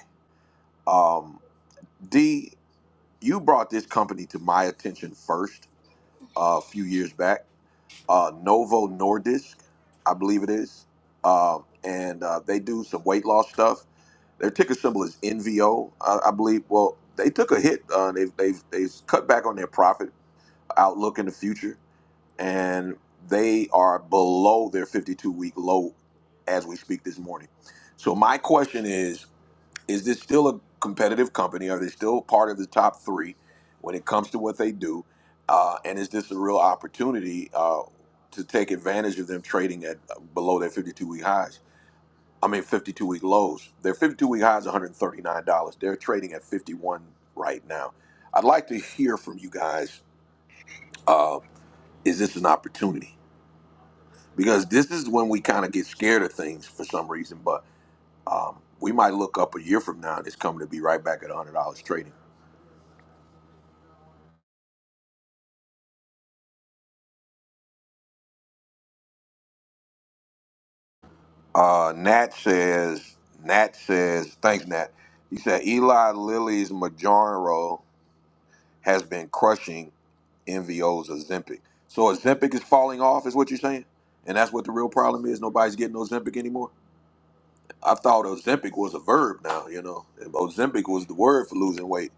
Um, D, you brought this company to my attention first uh, a few years back uh, Novo Nordisk, I believe it is, um, and uh, they do some weight loss stuff. Their ticker symbol is NVO, I, I believe. Well, they took a hit. Uh, they've they've they've cut back on their profit outlook in the future, and they are below their 52 week low as we speak this morning. So my question is is this still a competitive company? Are they still part of the top three when it comes to what they do? Uh, and is this a real opportunity uh, to take advantage of them trading at uh, below their 52 week highs? I mean, 52 week lows. Their 52 week high is $139. They're trading at 51 right now. I'd like to hear from you guys. Uh, is this an opportunity? Because this is when we kind of get scared of things for some reason, but um, we might look up a year from now and it's coming to be right back at $100 trading. Uh, Nat says, Nat says, thanks, Nat. He said Eli Lilly's Majorro has been crushing NVO's Ozempic. So Ozempic is falling off, is what you're saying? And that's what the real problem is. Nobody's getting Ozempic anymore. I thought Ozempic was a verb now, you know. Ozempic was the word for losing weight.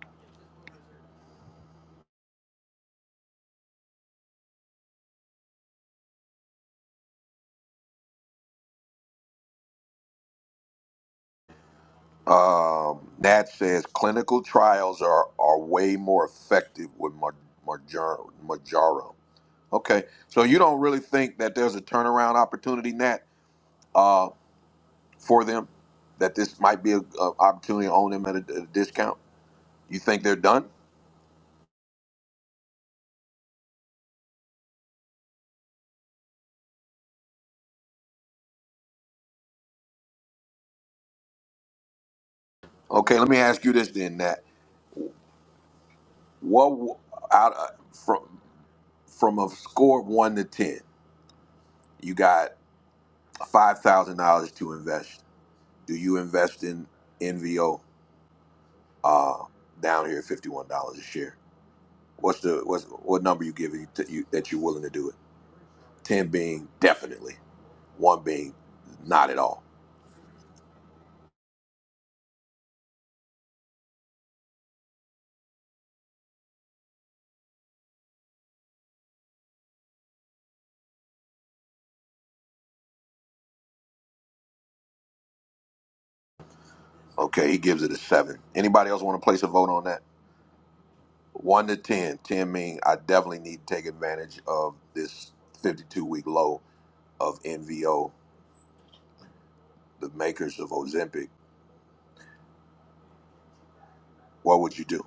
Um, Nat says clinical trials are, are way more effective with Mar- Marjar- Majaro. Okay. So you don't really think that there's a turnaround opportunity, Nat? for them that this might be an opportunity to own them at a, a discount? You think they're done? Okay, let me ask you this then, Nat. What w- out uh, from from a score of one to ten, you got five thousand dollars to invest. Do you invest in NVO uh, down here at fifty one dollars a share? What's the what's, what number you giving to you that you're willing to do it? Ten being definitely, one being not at all. Okay, he gives it a seven. Anybody else want to place a vote on that? One to ten. Ten mean I definitely need to take advantage of this fifty-two week low of NVO, the makers of Ozempic. What would you do?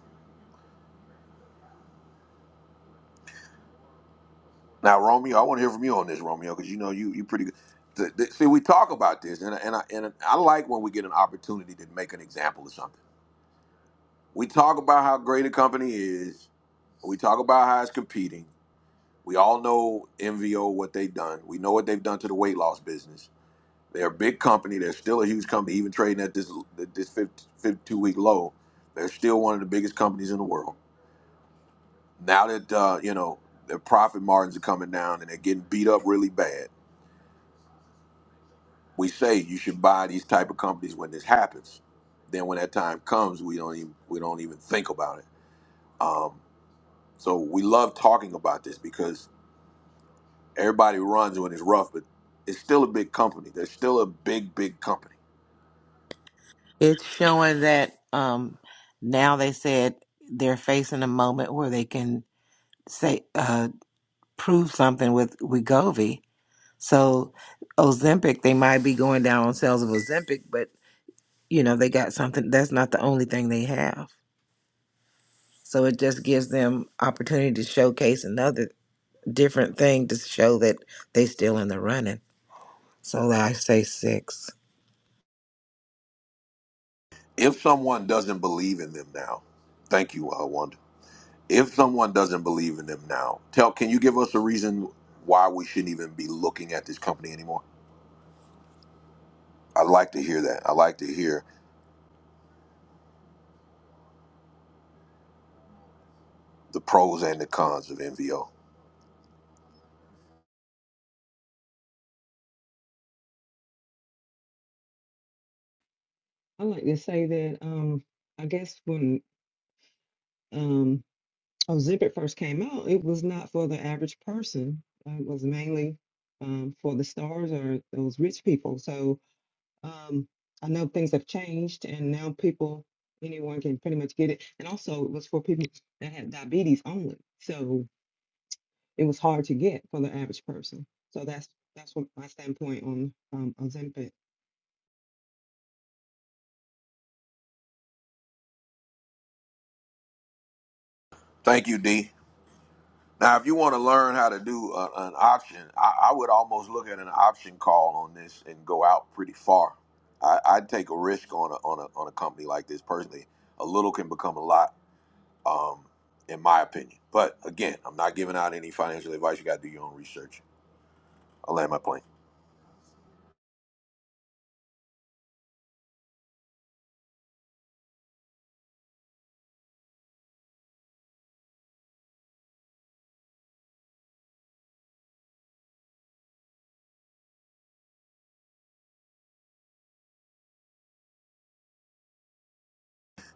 Now, Romeo, I want to hear from you on this, Romeo, because you know you you pretty good. The- the- See, we talk about this, and I- and I, and I like when we get an opportunity to make an example of something. We talk about how great a company is. We talk about how it's competing. We all know NVO what they've done. We know what they've done to the weight loss business They're a big company. They're still a huge company, even trading at this this 52 week low. They're still one of the biggest companies in the world. Now that uh, you know their profit margins are coming down and they're getting beat up really bad, we say you should buy these type of companies when this happens. Then when that time comes, we don't even we don't even think about it. Um, so we love talking about this because everybody runs when it's rough, but it's still a big company. They're still a big big company.
It's showing that um now they said they're facing a moment where they can say uh prove something with Wegovy So Ozempic, they might be going down on sales of Ozempic, but you know, they got something that's not the only thing they have. So it just gives them opportunity to showcase another different thing to show that they still in the running. So I say six.
If someone doesn't believe in them now, thank you, uh, Wanda. if someone doesn't believe in them now, tell can you give us a reason why we shouldn't even be looking at this company anymore? I'd like to hear that. I'd like to hear the pros and the cons of NVO.
I like to say that um I guess when um oh Zip It first came out, it was not for the average person. Uh, It was mainly um for the stars or those rich people. So um I know things have changed and now people anyone can pretty much get it. And also it was for people that had diabetes only. So it was hard to get for the average person. So that's that's what my standpoint on um, Ozempic.
Thank you, D. Now, if you want to learn how to do a, an option, I, I would almost look at an option call on this and go out pretty far. I, I'd take a risk on a, on a on a company like this personally. A little can become a lot, um, in my opinion. But again, I'm not giving out any financial advice. You got to do your own research. I land my plane.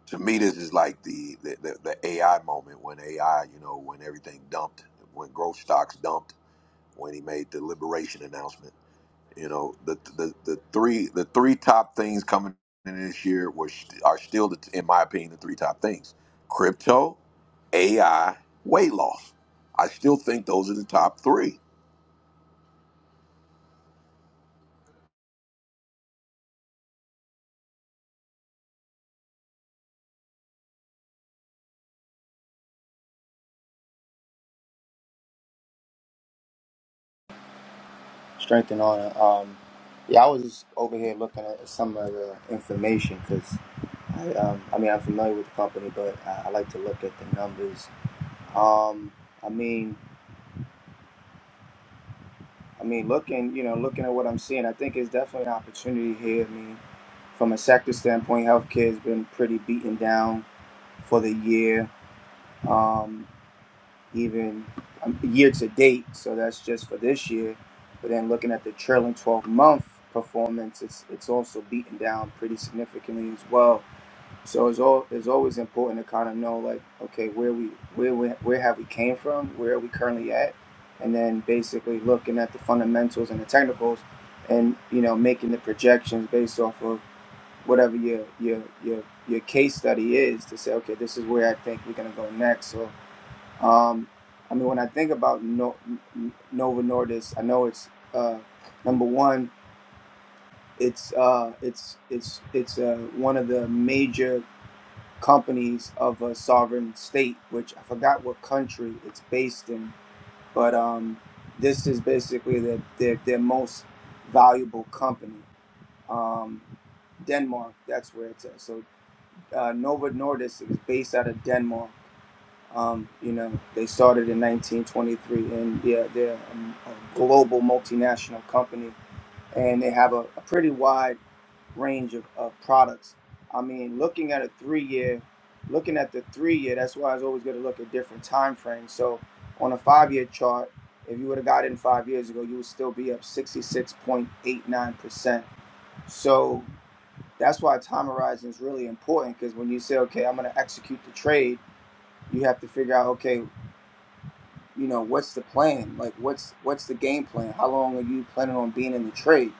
To me, this is like the the, the the AI moment when AI, you know, when everything dumped, when growth stocks dumped, when he made the liberation announcement. You know, the the, the three the three top things coming in this year were st- are still, the, in my opinion, the three top things: crypto, AI, weight loss. I still think those are the top three.
Strengthen on. honor. Um, yeah, I was just over here looking at some of the information because I, um, I mean, I'm familiar with the company, but I, I like to look at the numbers. Um, I mean, I mean, looking, you know, looking at what I'm seeing, I think it's definitely an opportunity here. I mean, from a sector standpoint, healthcare has been pretty beaten down for the year. Um, even um, year to date. So that's just for this year. But then looking at the trailing 12 month performance, it's it's also beaten down pretty significantly as well. So it's all it's always important to kind of know like okay where we where we, where have we came from, where are we currently at, and then basically looking at the fundamentals and the technicals, and you know making the projections based off of whatever your your your your case study is to say okay this is where I think we're gonna go next. So um, I mean, when I think about no- Nova Nordis, I know it's uh, number one. It's uh, it's it's it's uh, one of the major companies of a sovereign state, which I forgot what country it's based in. But um, this is basically their their, their most valuable company. Um, Denmark, that's where it's at. So uh, Nova Nordis is based out of Denmark Um, you know, they started in 1923, and yeah, they're um, a global multinational company, and they have a, a pretty wide range of, of products. I mean, looking at a three-year, looking at the three-year, that's why I was always going to look at different time frames. So, on a five-year chart, if you would have got in five years ago, you would still be up 66.89 percent. So that's why time horizon is really important because when you say, okay, I'm going to execute the trade you have to figure out okay you know what's the plan like what's what's the game plan how long are you planning on being in the trade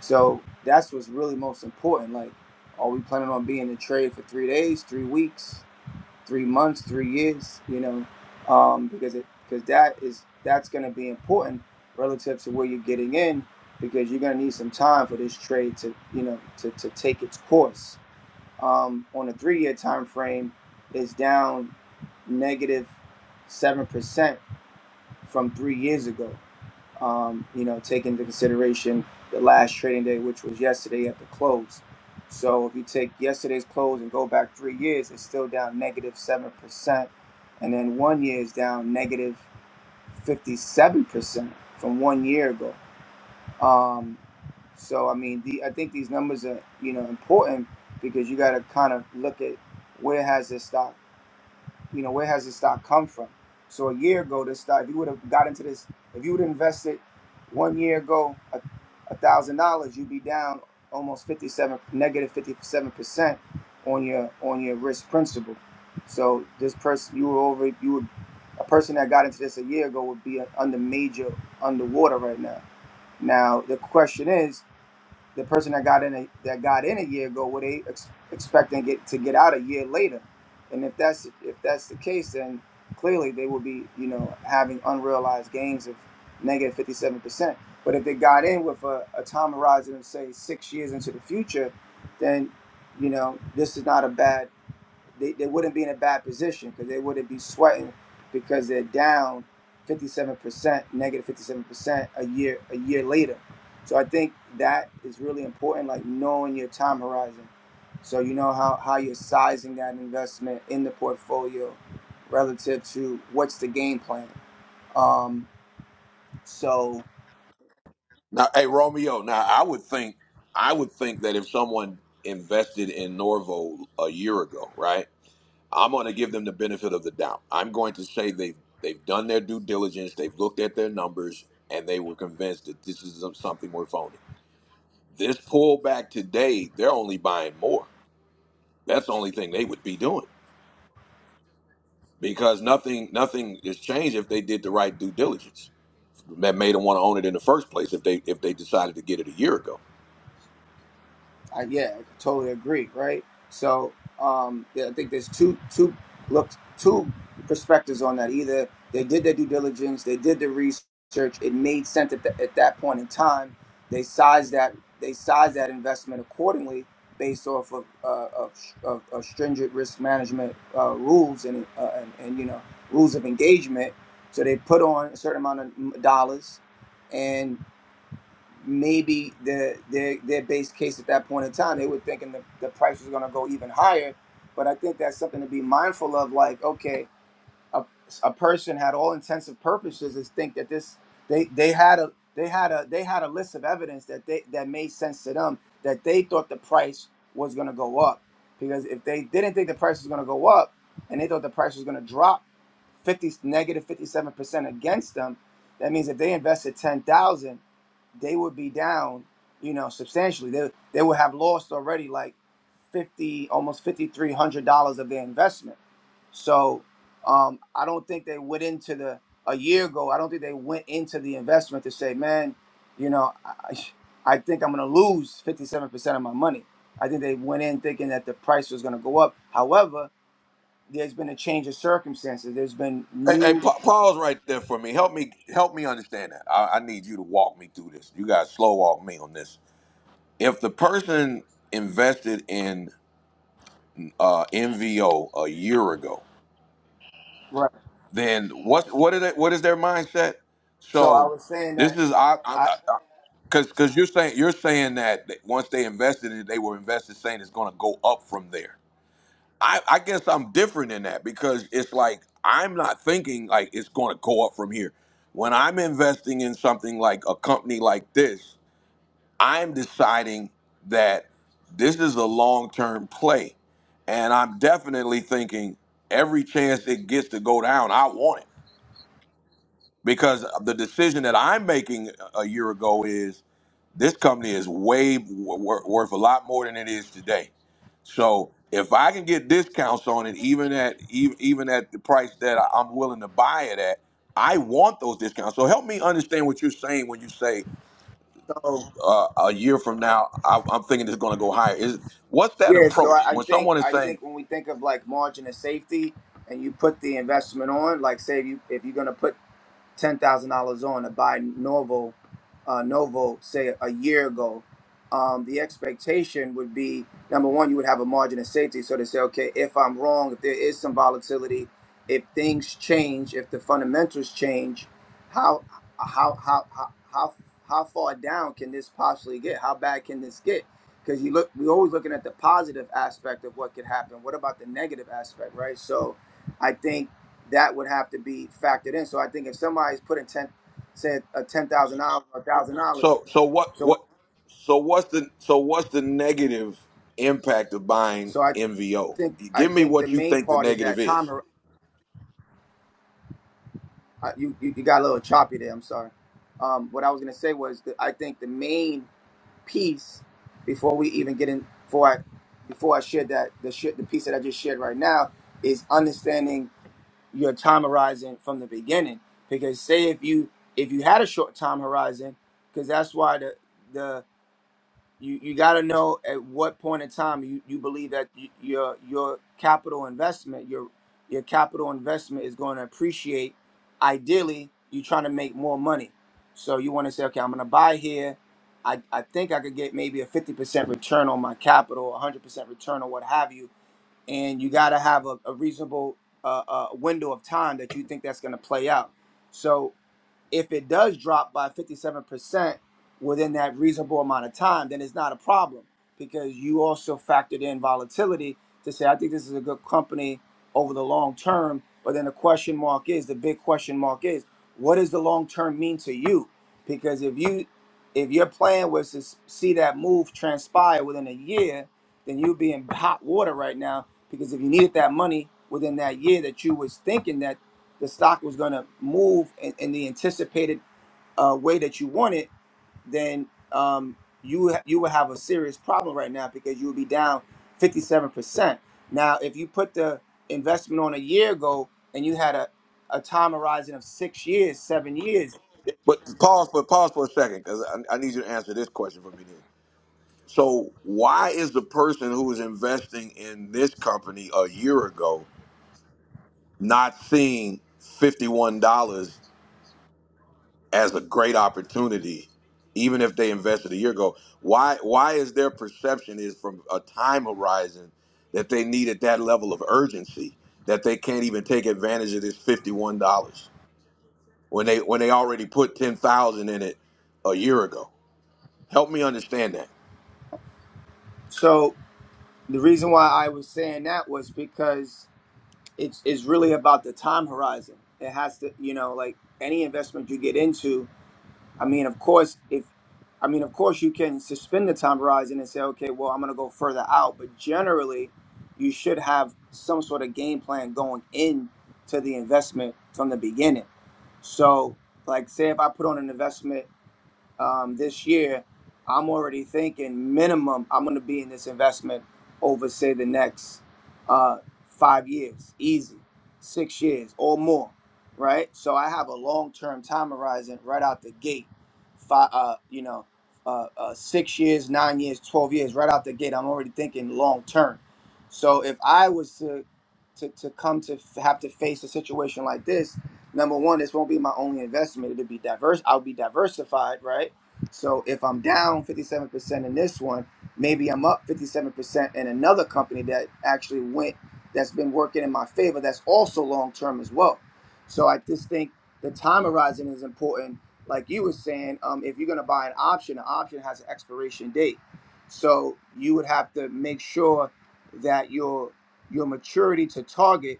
so that's what's really most important like are we planning on being in the trade for three days three weeks three months three years you know um, because it because that is that's going to be important relative to where you're getting in because you're going to need some time for this trade to you know to, to take its course um, on a three year time frame is down 7% from three years ago. Um, you know, taking into consideration the last trading day, which was yesterday at the close. So if you take yesterday's close and go back three years, it's still down negative seven percent, and then one year is down negative fifty-seven percent from one year ago. Um, so I mean, the, I think these numbers are you know important because you got to kind of look at where has this stock you know, where has this stock come from? So a year ago, this stock, if you would have got into this, if you would have invested one year ago a a thousand dollars, you'd be down almost fifty seven negative fifty seven percent on your on your risk principal. So this person you were over you would a person that got into this a year ago would be under major underwater right now. Now the question is the person that got in a that got in a year ago, were they ex- expecting get to get out a year later? And if that's if that's the case, then clearly they will be you know having unrealized gains of negative fifty seven percent. But if they got in with a, a time horizon of say six years into the future, then you know this is not a bad they, they wouldn't be in a bad position because they wouldn't be sweating because they're down 57% 57% a year a year later so i think that is really important like knowing your time horizon so you know how, how you're sizing that investment in the portfolio relative to what's the game plan um, so
Now, hey Romeo, now I would think I would think that if someone invested in Norvo a year ago, right? I'm going to give them the benefit of the doubt. I'm going to say they've they've done their due diligence, they've looked at their numbers, and they were convinced that this is something worth owning This pullback today, they're only buying more. That's the only thing they would be doing because nothing nothing is changed if they did the right due diligence that made them want to own it in the first place if they if they decided to get it a year ago.
I, yeah, I totally agree, right? So um, yeah, I think there's two two look two perspectives on that. Either they did their due diligence, they did the research, it made sense at, the, at that point in time. They sized that they sized that investment accordingly based off of uh, of, of, of stringent risk management uh, rules and, uh, and and you know rules of engagement. So they put on a certain amount of dollars, and maybe their their their base case at that point in time they were thinking the, the price was going to go even higher but i think that's something to be mindful of like okay a, a person had all intensive purposes is think that this they they had a they had a they had a list of evidence that they that made sense to them that they thought the price was going to go up because if they didn't think the price was going to go up and they thought the price was going to drop 50 57% against them that means if they invested 10,000 they would be down, you know, substantially. They they would have lost already like fifty, almost fifty three hundred dollars of their investment. So um, I don't think they went into the a year ago. I don't think they went into the investment to say, man, you know, I, I think I'm going to lose fifty seven percent of my money. I think they went in thinking that the price was going to go up. However, there's been a change of circumstances. There's been
Hey, hey,
new,
pa- pause right there for me. Help me help me understand that. I, I need you to walk me through this. You guys slow walk me on this. if the person invested in uh, NVO a year ago,
right?
then what what is it, what is their mindset?
So I
So
was saying
this
that
is I
I
because because you're saying you're saying that that once they invested in it, they were invested saying it's going to go up from there. I, I guess I'm different in that because it's like I'm not thinking like it's going to go up from here. When I'm investing in something like a company like this, I'm deciding that this is a long term play. And I'm definitely thinking every chance it gets to go down, I want it. Because the decision that I'm making a year ago is this company is way wor- wor- worth a lot more than it is today. So if I can get discounts on it, even at even, even at the price that I- I'm willing to buy it at, I want those discounts. So help me understand what you're saying when you say
so.
a year from now, I, I'm thinking it's going to go higher. Is what's that
Yeah, so
approach
I I
when
think
someone is
I
saying
think when we think of like margin of safety, and you put the investment on, like say if you if you're gonna put ten thousand dollars on to buy Novo, uh, Novo, say a year ago, um, the expectation would be number one, you would have a margin of safety. So to say, okay, if I'm wrong, if there is some volatility, if things change, if the fundamentals change, how how how how how, how far down can this possibly get? How bad can this get? Because you look, we're always looking at the positive aspect of what could happen. What about the negative aspect, right? So, I think that would have to be factored in. So I think if somebody's putting ten, say a ten thousand dollars or a thousand dollars,
so? So what?
so
What? So what's the so what's the negative impact of buying
so I
MVO?
think I
Give me
think the
what you
main
think the
part is
negative
that time.
is.
hor- uh, You you, you got a little choppy there. I'm sorry. Um, what I was gonna say was that I think the main piece before we even get in before I before I shared that the shit the piece that I just shared right now is understanding your time horizon from the beginning. Because say if you if you had a short time horizon, because that's why the the you you got to know at what point in time you, you believe that y your your capital investment your your capital investment is going to appreciate ideally you're trying to make more money so you want to say okay i'm going to buy here I, I think i could get maybe a 50% return on my capital 100% return or what have you and you got to have a, a reasonable uh, uh, window of time that you think that's going to play out so if it does drop by 57% within that reasonable amount of time, then it's not a problem because you also factored in volatility to say, I think this is a good company over the long term. But then the question mark is the big question mark is what does the long term mean to you? Because if you if your plan was to s- see that move transpire within a year, then you'd be in hot water right now because if you needed that money within that year that you was thinking that the stock was going to move in, in the anticipated uh, way that you want it, then um, you ha- you would have a serious problem right now because you would be down 57%. Now, if you put the investment on a year ago and you had a, a time horizon of six years, seven years,
But pause, but pause for a second because I, I need you to answer this question for me then. So why is the person who is investing in this company a year ago not seeing $51 as a great opportunity, even if they invested a year ago. Why why is their perception is from a time horizon that they needed that level of urgency that they can't even take advantage of this fifty one dollars when they when they already put ten thousand in it a year ago? Help me understand that.
so the reason why I was saying that was because it's, it's really about the time horizon. It has to, you know, like any investment you get into, I mean, of course, if I mean, of course, you can suspend the time horizon and say, okay, well, I'm going to go further out. But generally, you should have some sort of game plan going into the investment from the beginning. So, like, say if I put on an investment um, this year, I'm already thinking minimum I'm going to be in this investment over say the next uh, five years, easy, six years or more, right? So I have a long-term time horizon right out the gate. Five, uh, you know, uh, uh, six years, nine years, twelve years, right out the gate. I'm already thinking long-term. So if I was to to, to come to f- have to face a situation like this number one, this won't be my only investment. It'll be diverse. I'll be diversified, right? So if I'm down 57% in this one, maybe I'm up 57% in another company that actually went, that's been working in my favor, that's also long term as well. So I just think the time horizon is important. Like you were saying, um, if you're going to buy an option, an option has an expiration date. So you would have to make sure that your your maturity to target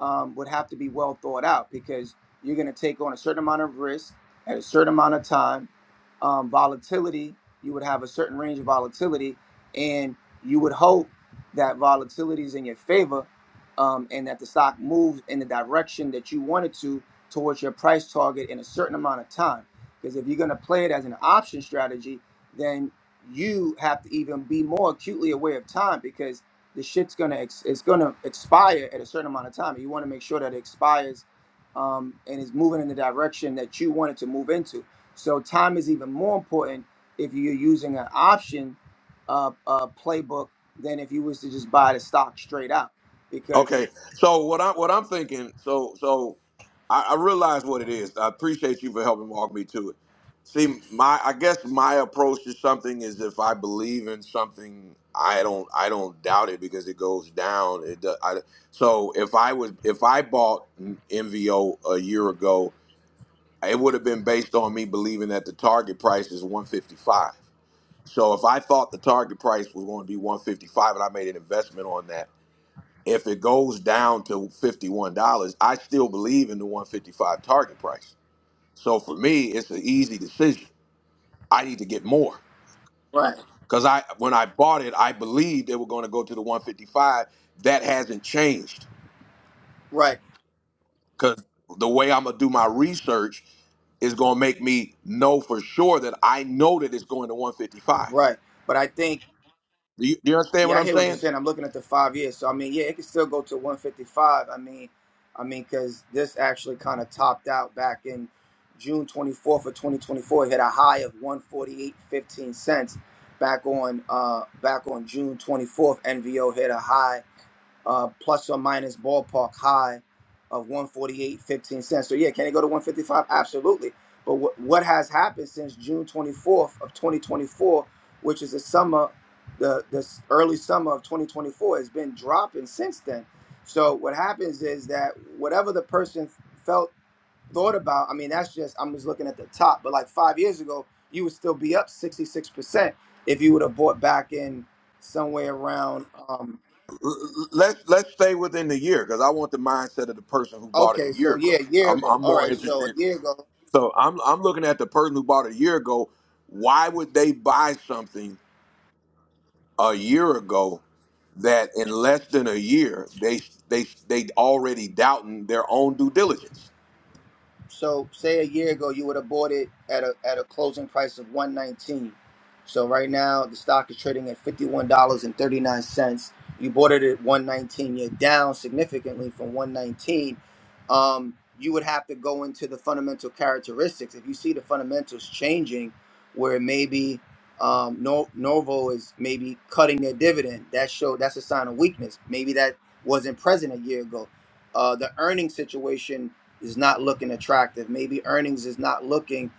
um, would have to be well thought out because you're going to take on a certain amount of risk at a certain amount of time. Um, volatility, you would have a certain range of volatility, and you would hope that volatility is in your favor um, and that the stock moves in the direction that you want it to towards your price target in a certain amount of time. Because if you're going to play it as an option strategy, then you have to even be more acutely aware of time because the shit's gonna ex- it's gonna expire at a certain amount of time. You want to make sure that it expires um, and is moving in the direction that you want it to move into. So time is even more important if you're using an option uh, uh, playbook than if you was to just buy the stock straight out because
Okay, so what I what I'm thinking, so so I, I realize what it is. I appreciate you for helping walk me to it See, my I guess my approach to something is if I believe in something, I don't I don't doubt it because it goes down. It do- I, so if I was if I bought NVO a year ago, it would have been based on me believing that the target price is 155. So if I thought the target price was going to be 155 and I made an investment on that, if it goes down to $51, I still believe in the 155 target price. So for me, it's an easy decision. I need to get more.
right,
Because I when I bought it, I believed they were going to go to the 155. That hasn't changed.
right,
Because the way I'm gonna do my research is gonna make me know for sure that I know that it's going to 155.
right. But I think
Do you, do you understand what
Yeah, I
I'm
hear what you're
saying?
saying. I'm looking at the five years, so I mean, yeah, it could still go to 155. I mean, I mean, because this actually kind of topped out back in June 24th of 2024. It hit a high of 148.15 cents back on uh back on June 24th. NVO hit a high uh, plus or minus ballpark high of one forty eight fifteen cents So yeah, can it go to 155? Absolutely. But what what has happened since June 24th of 2024, which is the summer, the this early summer of 2024, has been dropping since then. So what happens is that whatever the person felt thought about, I mean that's just I'm just looking at the top. But like five years ago, you would still be up 66 percent if you would have bought back in somewhere around. um,
L- l- Let's let's stay within the year because I want the mindset of the person who bought it a
Okay,
year
so yeah,
ago.
a year
I'm
ago.
I'm
All
more
right, so a
interested.
year ago.
So I'm I'm looking at the person who bought it a year ago. Why would they buy something a year ago that in less than a year they they they already doubting their own due diligence.
So say a year ago you would have bought it at a at a closing price of 119. So right now the stock is trading at $51.39. You bought it at 119. You're down significantly from 119. Um, you would have to go into the fundamental characteristics. If you see the fundamentals changing, where maybe um, no, Novo is maybe cutting their dividend, that show that's a sign of weakness. Maybe that wasn't present a year ago. Uh, the earning situation is not looking attractive. Maybe earnings is not looking,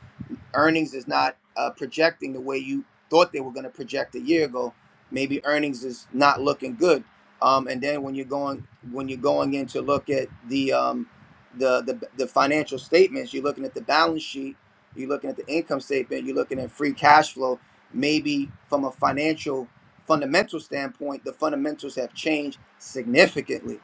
earnings is not uh, projecting the way you thought they were going to project a year ago. Maybe earnings is not looking good. Um, and then when you're going when you're going in to look at the um, the, the the financial statements, you're looking at the balance sheet, you're looking at the income statement, you're looking at free cash flow. Maybe from a financial fundamental standpoint, the fundamentals have changed significantly.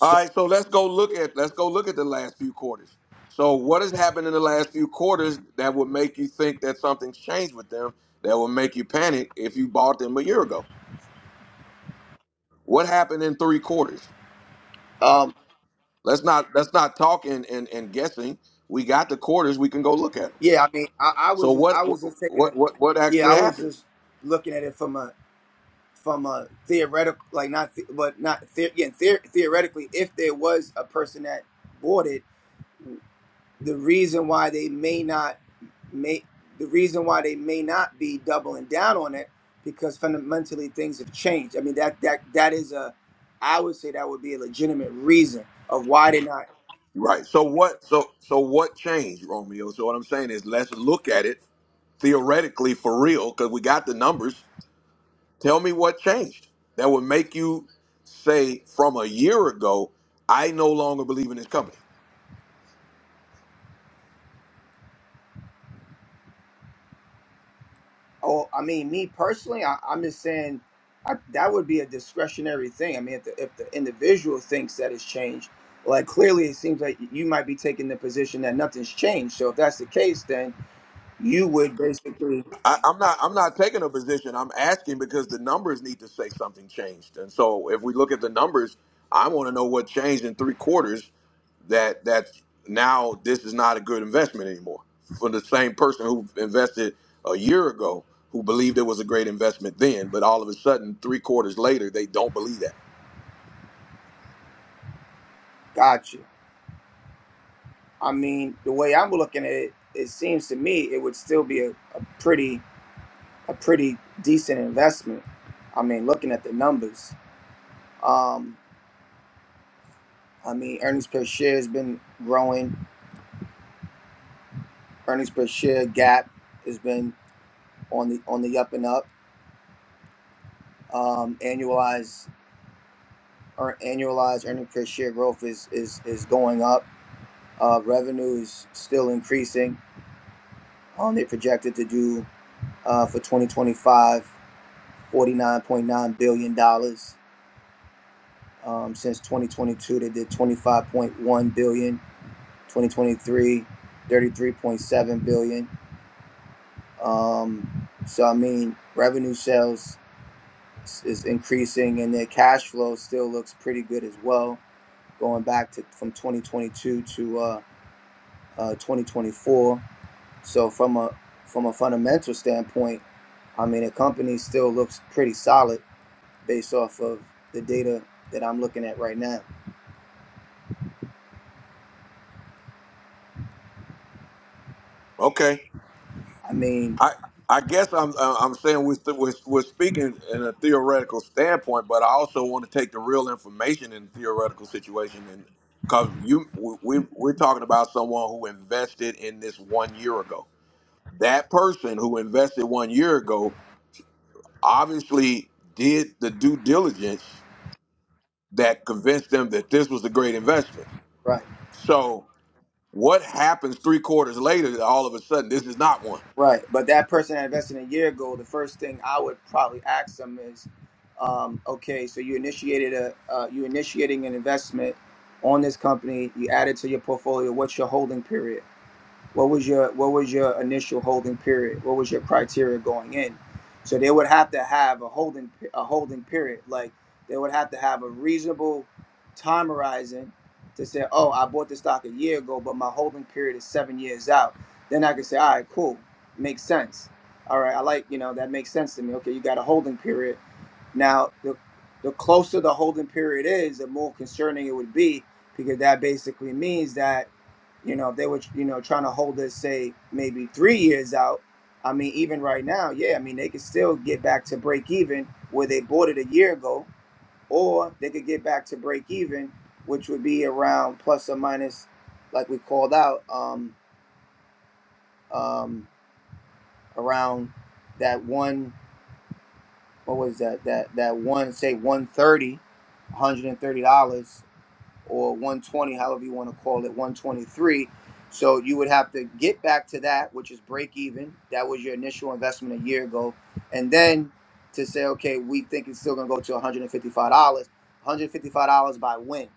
All right, so let's go look at let's go look at the last few quarters. So what has happened in the last few quarters that would make you think that something's changed with them that would make you panic if you bought them a year ago? What happened in three quarters?
um,
Let's not let's not talk and, and, and guessing. We got the quarters. We can go look at them.
Yeah, I mean, I, I was
So
just,
what
I was just taking
what
it.
what what
Yeah,
actually
I was
happened?
just looking at it from a, from a theoretical, like not, the, but not the, again, the, theoretically, if there was a person that bought it, the reason why they may not may, the reason why they may not be doubling down on it, because fundamentally things have changed. I mean, that that that is a, I would say that would be a legitimate reason of why they're not.
Right. So what? So so what changed, Romeo? So what I'm saying is, let's look at it theoretically for real, because we got the numbers. Tell me what changed that would make you say from a year ago, I no longer believe in this company.
Oh, I mean, me personally, I, I'm just saying I, that would be a discretionary thing. I mean, if the, if the individual thinks that it's changed, like clearly it seems like you might be taking the position that nothing's changed. So if that's the case, then you would basically
I, I'm not. I'm not taking a position. I'm asking because the numbers need to say something changed. And so if we look at the numbers, I want to know what changed in three quarters that that now this is not a good investment anymore for the same person who invested a year ago who believed it was a great investment then but all of a sudden three quarters later they don't believe that
gotcha. I mean, the way I'm looking at it, it seems to me it would still be a, a pretty a pretty decent investment. I mean, looking at the numbers, um, I mean, earnings per share has been growing. Earnings per share gap has been on the on the up and up. Um, annualized earn, annualized earning per share growth is is is going up. Uh, revenue is still increasing. Um, they're projected to do uh, for 2025 49.9 billion dollars. Um, since 2022, they did 25.1 billion. 2023, 33.7 billion. Um, so I mean, revenue sales is increasing, and their cash flow still looks pretty good as well going back to from 2022 to uh, uh, 2024. So from a from a fundamental standpoint, I mean the company still looks pretty solid based off of the data that I'm looking at right now.
okay
I mean,
i i guess i'm uh, i'm saying we're, st- we're, we're speaking in a theoretical standpoint but i also want to take the real information in the theoretical situation and because you we, we- we're talking about someone who invested in this one year ago that person who invested one year ago obviously did the due diligence that convinced them that this was a great investment.
right,
So what happens three quarters later that all of a sudden this is not one?
right. But that person that invested a year ago, the first thing I would probably ask them is, um, okay, so you initiated a uh, you initiating an investment on this company, you added to your portfolio. What's your holding period? what was your what was your initial holding period what was your criteria going in so they would have to have a holding a holding period like they would have to have a reasonable time horizon to say oh i bought the stock a year ago but my holding period is seven years out then i can say all right cool makes sense all right i like you know that makes sense to me okay you got a holding period now, the the closer the holding period is, the more concerning it would be because that basically means that you know if they were you know trying to hold us say maybe three years out. I mean, even right now, yeah, I mean they could still get back to break even where they bought it a year ago, or they could get back to break even, which would be around plus or minus, like we called out, um, um, around that one. what was that that that one say one thirty, one hundred and thirty dollars or 120 however you want to call it 123 so you would have to get back to that which is break even that was your initial investment a year ago and then to say okay we think it's still going to go to 155 dollars 155 dollars by when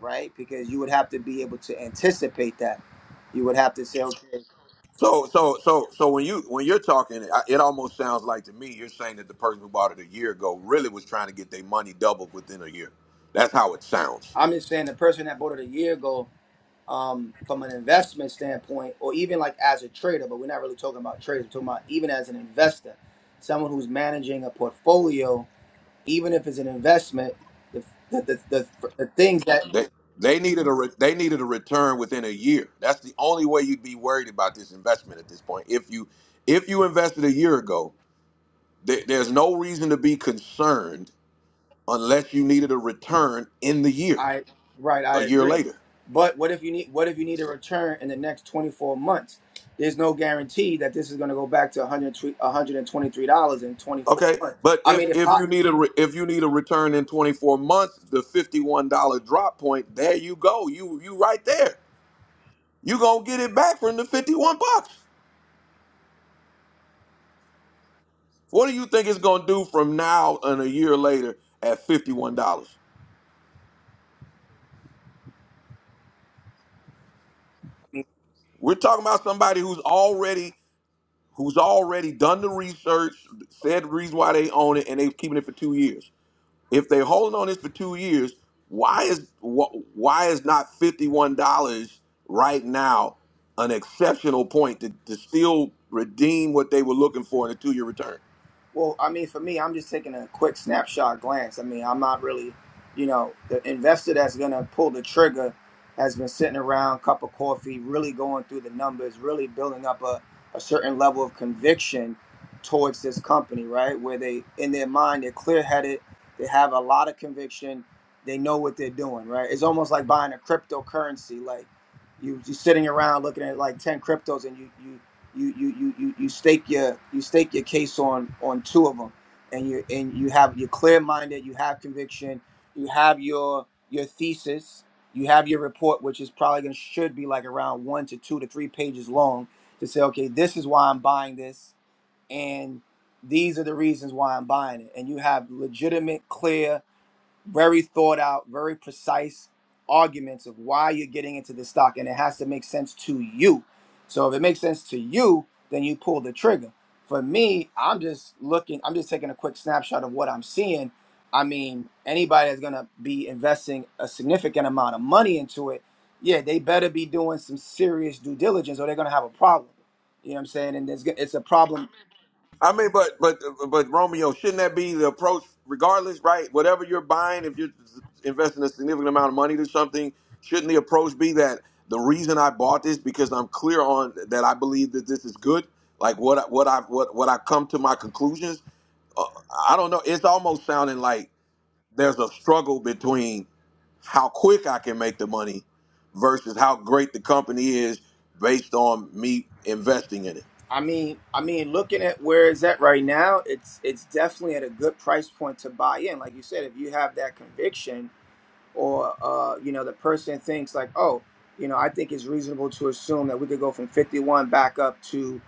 right because you would have to be able to anticipate that you would have to say okay
So so so so when you when you're talking, I- it almost sounds like to me you're saying that the person who bought it a year ago really was trying to get their money doubled within a year. That's how it sounds.
i'm just saying the person that bought it a year ago um, from an investment standpoint, or even like as a trader, but we're not really talking about traders, we're talking about even as an investor, someone who's managing a portfolio, even if it's an investment, the, the, the, the, the things that
They they needed a re, they needed a return within a year. That's the only way you'd be worried about this investment at this point. If you if you invested a year ago There- There's no reason to be concerned unless you needed a return in the year,
I, right,
a
I
year
agree.
later.
But what if you need, what if you need a
So,
return in the next 24 months? There's no guarantee that this is going to go back to 100 $123 in 24
okay,
months.
but
I mean,
if
it
if you
pot.
need a re- if you need a return in 24 months, the $51 drop point, there you go. You you right there. You gonna get it back from the 51 bucks. What do you think it's gonna do from now and a year later at $51? We're talking about somebody who's already who's already done the research, said the reason why they own it, and they've keeping it for two years. if they're holding on this for two years, why is wh- why is not fifty one dollars right now an exceptional point to, to still redeem what they were looking for in a two year return?
Well, I mean, for me, I'm just taking a quick snapshot glance. I mean, I'm not really, you know, the investor that's going to pull the trigger has been sitting around, cup of coffee, really going through the numbers, really building up a, a certain level of conviction towards this company, right? Where they, in their mind, they're clear headed, they have a lot of conviction, they know what they're doing, right? It's almost like buying a cryptocurrency. Like you, you're sitting around looking at like 10 cryptos and you, you, you you you you you stake your you stake your case on on two of them, and you and you have you're clear minded, you have conviction, you have your your thesis, you have your report, which is probably gonna should be like around one to two to three pages long to say, okay, this is why I'm buying this, and these are the reasons why I'm buying it, and you have legitimate, clear very thought out, very precise arguments of why you're getting into the stock, and it has to make sense to you. So if it makes sense to you, then you pull the trigger. For me, I'm just looking, I'm just taking a quick snapshot of what I'm seeing. I mean, anybody that's gonna be investing a significant amount of money into it, yeah, they better be doing some serious due diligence or they're gonna have a problem. You know what I'm saying? And there's, it's a problem
I mean, but but but Romeo, shouldn't that be the approach, regardless, right? Whatever you're buying, if you're investing a significant amount of money to something, shouldn't the approach be that the reason I bought this because I'm clear on that I believe that this is good, like what I- what I what what I come to my conclusions. I don't know. It's almost sounding like there's a struggle between how quick I can make the money versus how great the company is based on me investing in it.
I mean, I mean, looking at where it's at right now, it's it's definitely at a good price point to buy in. Like you said, if you have that conviction or uh, you know the person thinks like, oh, you know, I think it's reasonable to assume that we could go from 51 back up to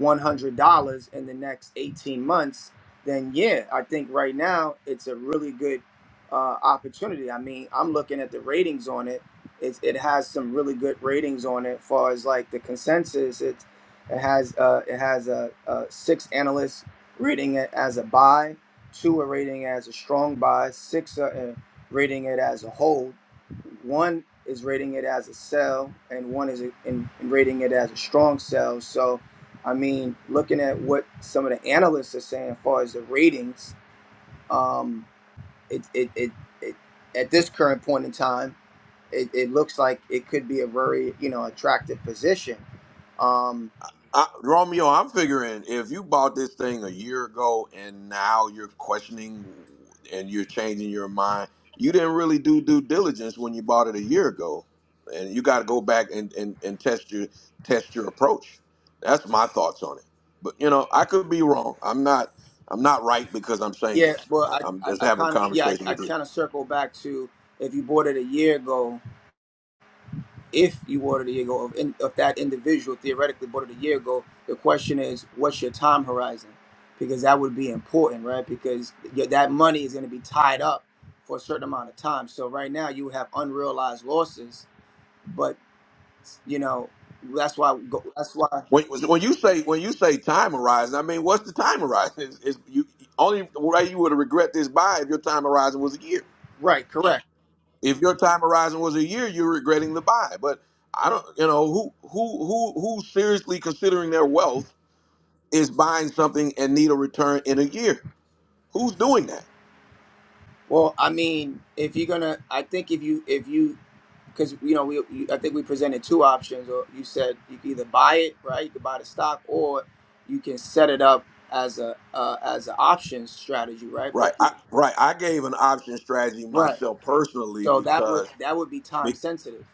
$100 in the next 18 months, then yeah, I think right now it's a really good uh, opportunity. I mean, I'm looking at the ratings on it. It's, it has some really good ratings on it. As far as like the consensus, it it has uh, it has a, a six analysts rating it as a buy, two are rating as a strong buy, six are, rating it as a whole. One is rating it as a sell, and one is in, in rating it as a strong sell. So, I mean, looking at what some of the analysts are saying as far as the ratings, um, it, it, it, it at this current point in time, it, it looks like it could be a very you know attractive position. Um,
I, Romeo, I'm figuring if you bought this thing a year ago and now you're questioning and you're changing your mind, you didn't really do due diligence when you bought it a year ago, and you got to go back and, and, and test your test your approach. That's my thoughts on it. But you know, I could be wrong. I'm not I'm not right because I'm saying
yeah,
this.
but
I,
I,
I'm just
I, I
having a
kind of yeah I,
conversation
I
with you.
kind of circle back to if you bought it a year ago. if you order the year goal of, in, of that individual theoretically bought it a year ago, the question is, what's your time horizon? Because that would be important, right? Because your, that money is going to be tied up for a certain amount of time. So right now you have unrealized losses, but you know that's why go- that's why
When, when you say when you say time horizon, I mean what's the time horizon? It's, it's, you only way you would regret this buy if your time horizon was a year.
right, correct.
If your time horizon was a year, you're regretting the buy. But I don't, you know, who who who who seriously considering their wealth is buying something and need a return in a year? Who's doing that?
Well, I mean, if you're gonna, I think if you if you because you know we you, I think we presented two options, or you said you can either buy it, right? You can buy the stock, or you can set it up as a uh, as an option strategy, right? But
Right. I, right. I gave an option strategy
right,
myself personally
so that would
because
that would be time sensitive.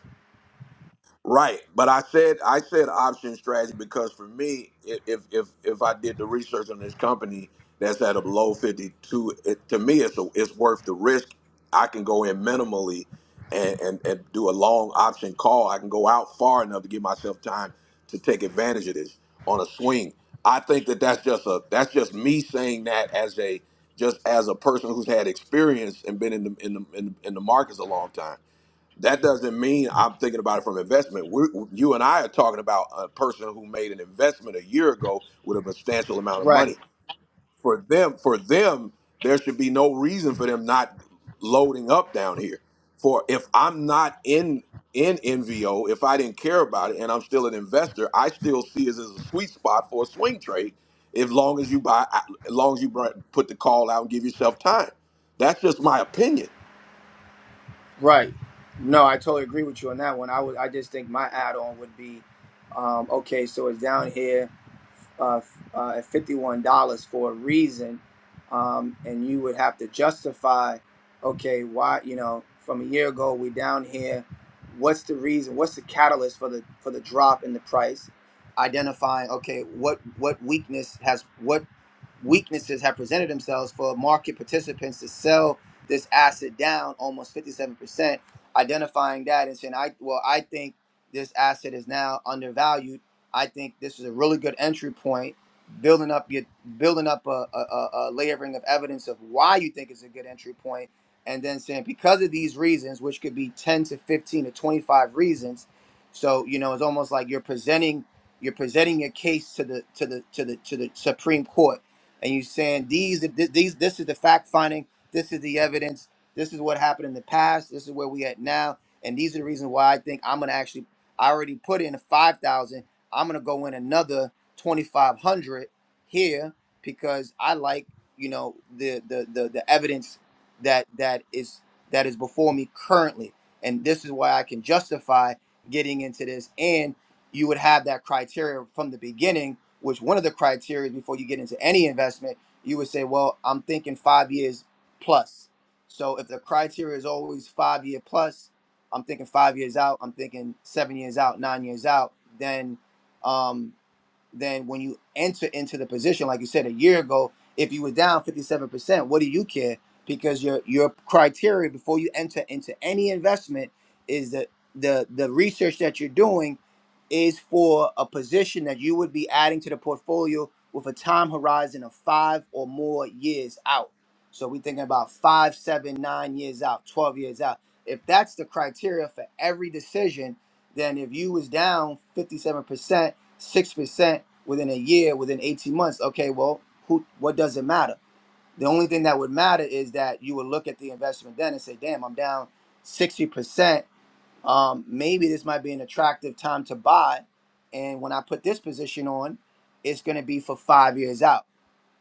Right, but I said I said option strategy because for me, i- if if if I did the research on this company that's at a low fifty two, it, to me it's a, it's worth the risk. I can go in minimally and, and and do a long option call. I can go out far enough to give myself time to take advantage of this on a swing. I think that that's just a that's just me saying that as a just as a person who's had experience and been in the in the in the, in the markets a long time that doesn't mean I'm thinking about it from investment. We're, you and I are talking about a person who made an investment a year ago with a substantial amount of
Right,
money. For them, for them, there should be no reason for them not loading up down here. For if I'm not in in NVO, if I didn't care about it and I'm still an investor, I still see it as a sweet spot for a swing trade. As long as you buy, as long as you br- put the call out and give yourself time. That's just my opinion
right. No, I totally agree with you on that one. I would I just think my add on would be, um, okay, so it's down here. uh, uh, at $51 for a reason, um, and you would have to justify, okay, why you know from a year ago we down here, what's the reason? What's the catalyst for the for the drop in the price? Identifying, okay, what what weakness has what weaknesses have presented themselves for market participants to sell this asset down almost 57%, identifying that and saying, I well, I think this asset is now undervalued. I think this is a really good entry point, building up your building up a, a, a a layering of evidence of why you think it's a good entry point, and then saying because of these reasons, which could be 10 to 15 to 25 reasons. So, you know, it's almost like you're presenting you're presenting your case to the to the to the to the Supreme Court and you saying these these this is the fact finding, this is the evidence, this is what happened in the past, this is where we at now, and these are the reasons why I think I'm gonna actually I already put in five thousand, I'm gonna go in another twenty five hundred here because I like you know the the the, the evidence that that is that is before me currently, and this is why I can justify getting into this and you would have that criteria from the beginning which one of the criteria before you get into any investment, you would say, well, I'm thinking five years plus. So if the criteria is always five year plus, I'm thinking five years out, I'm thinking seven years out, nine years out, then um, than when you enter into the position. Like you said a year ago, if you were down 57%, what do you care? Because your your criteria before you enter into any investment is that the the research that you're doing is for a position that you would be adding to the portfolio with a time horizon of five or more years out. So we're thinking about five, seven, nine years out, 12 years out. If that's the criteria for every decision, then if you was down 57%, six percent within a year, within eighteen months. Okay, well, who? What does it matter? The only thing that would matter is that you would look at the investment then and say, "Damn, I'm down sixty percent. Um, maybe this might be an attractive time to buy." And when I put this position on, it's going to be for five years out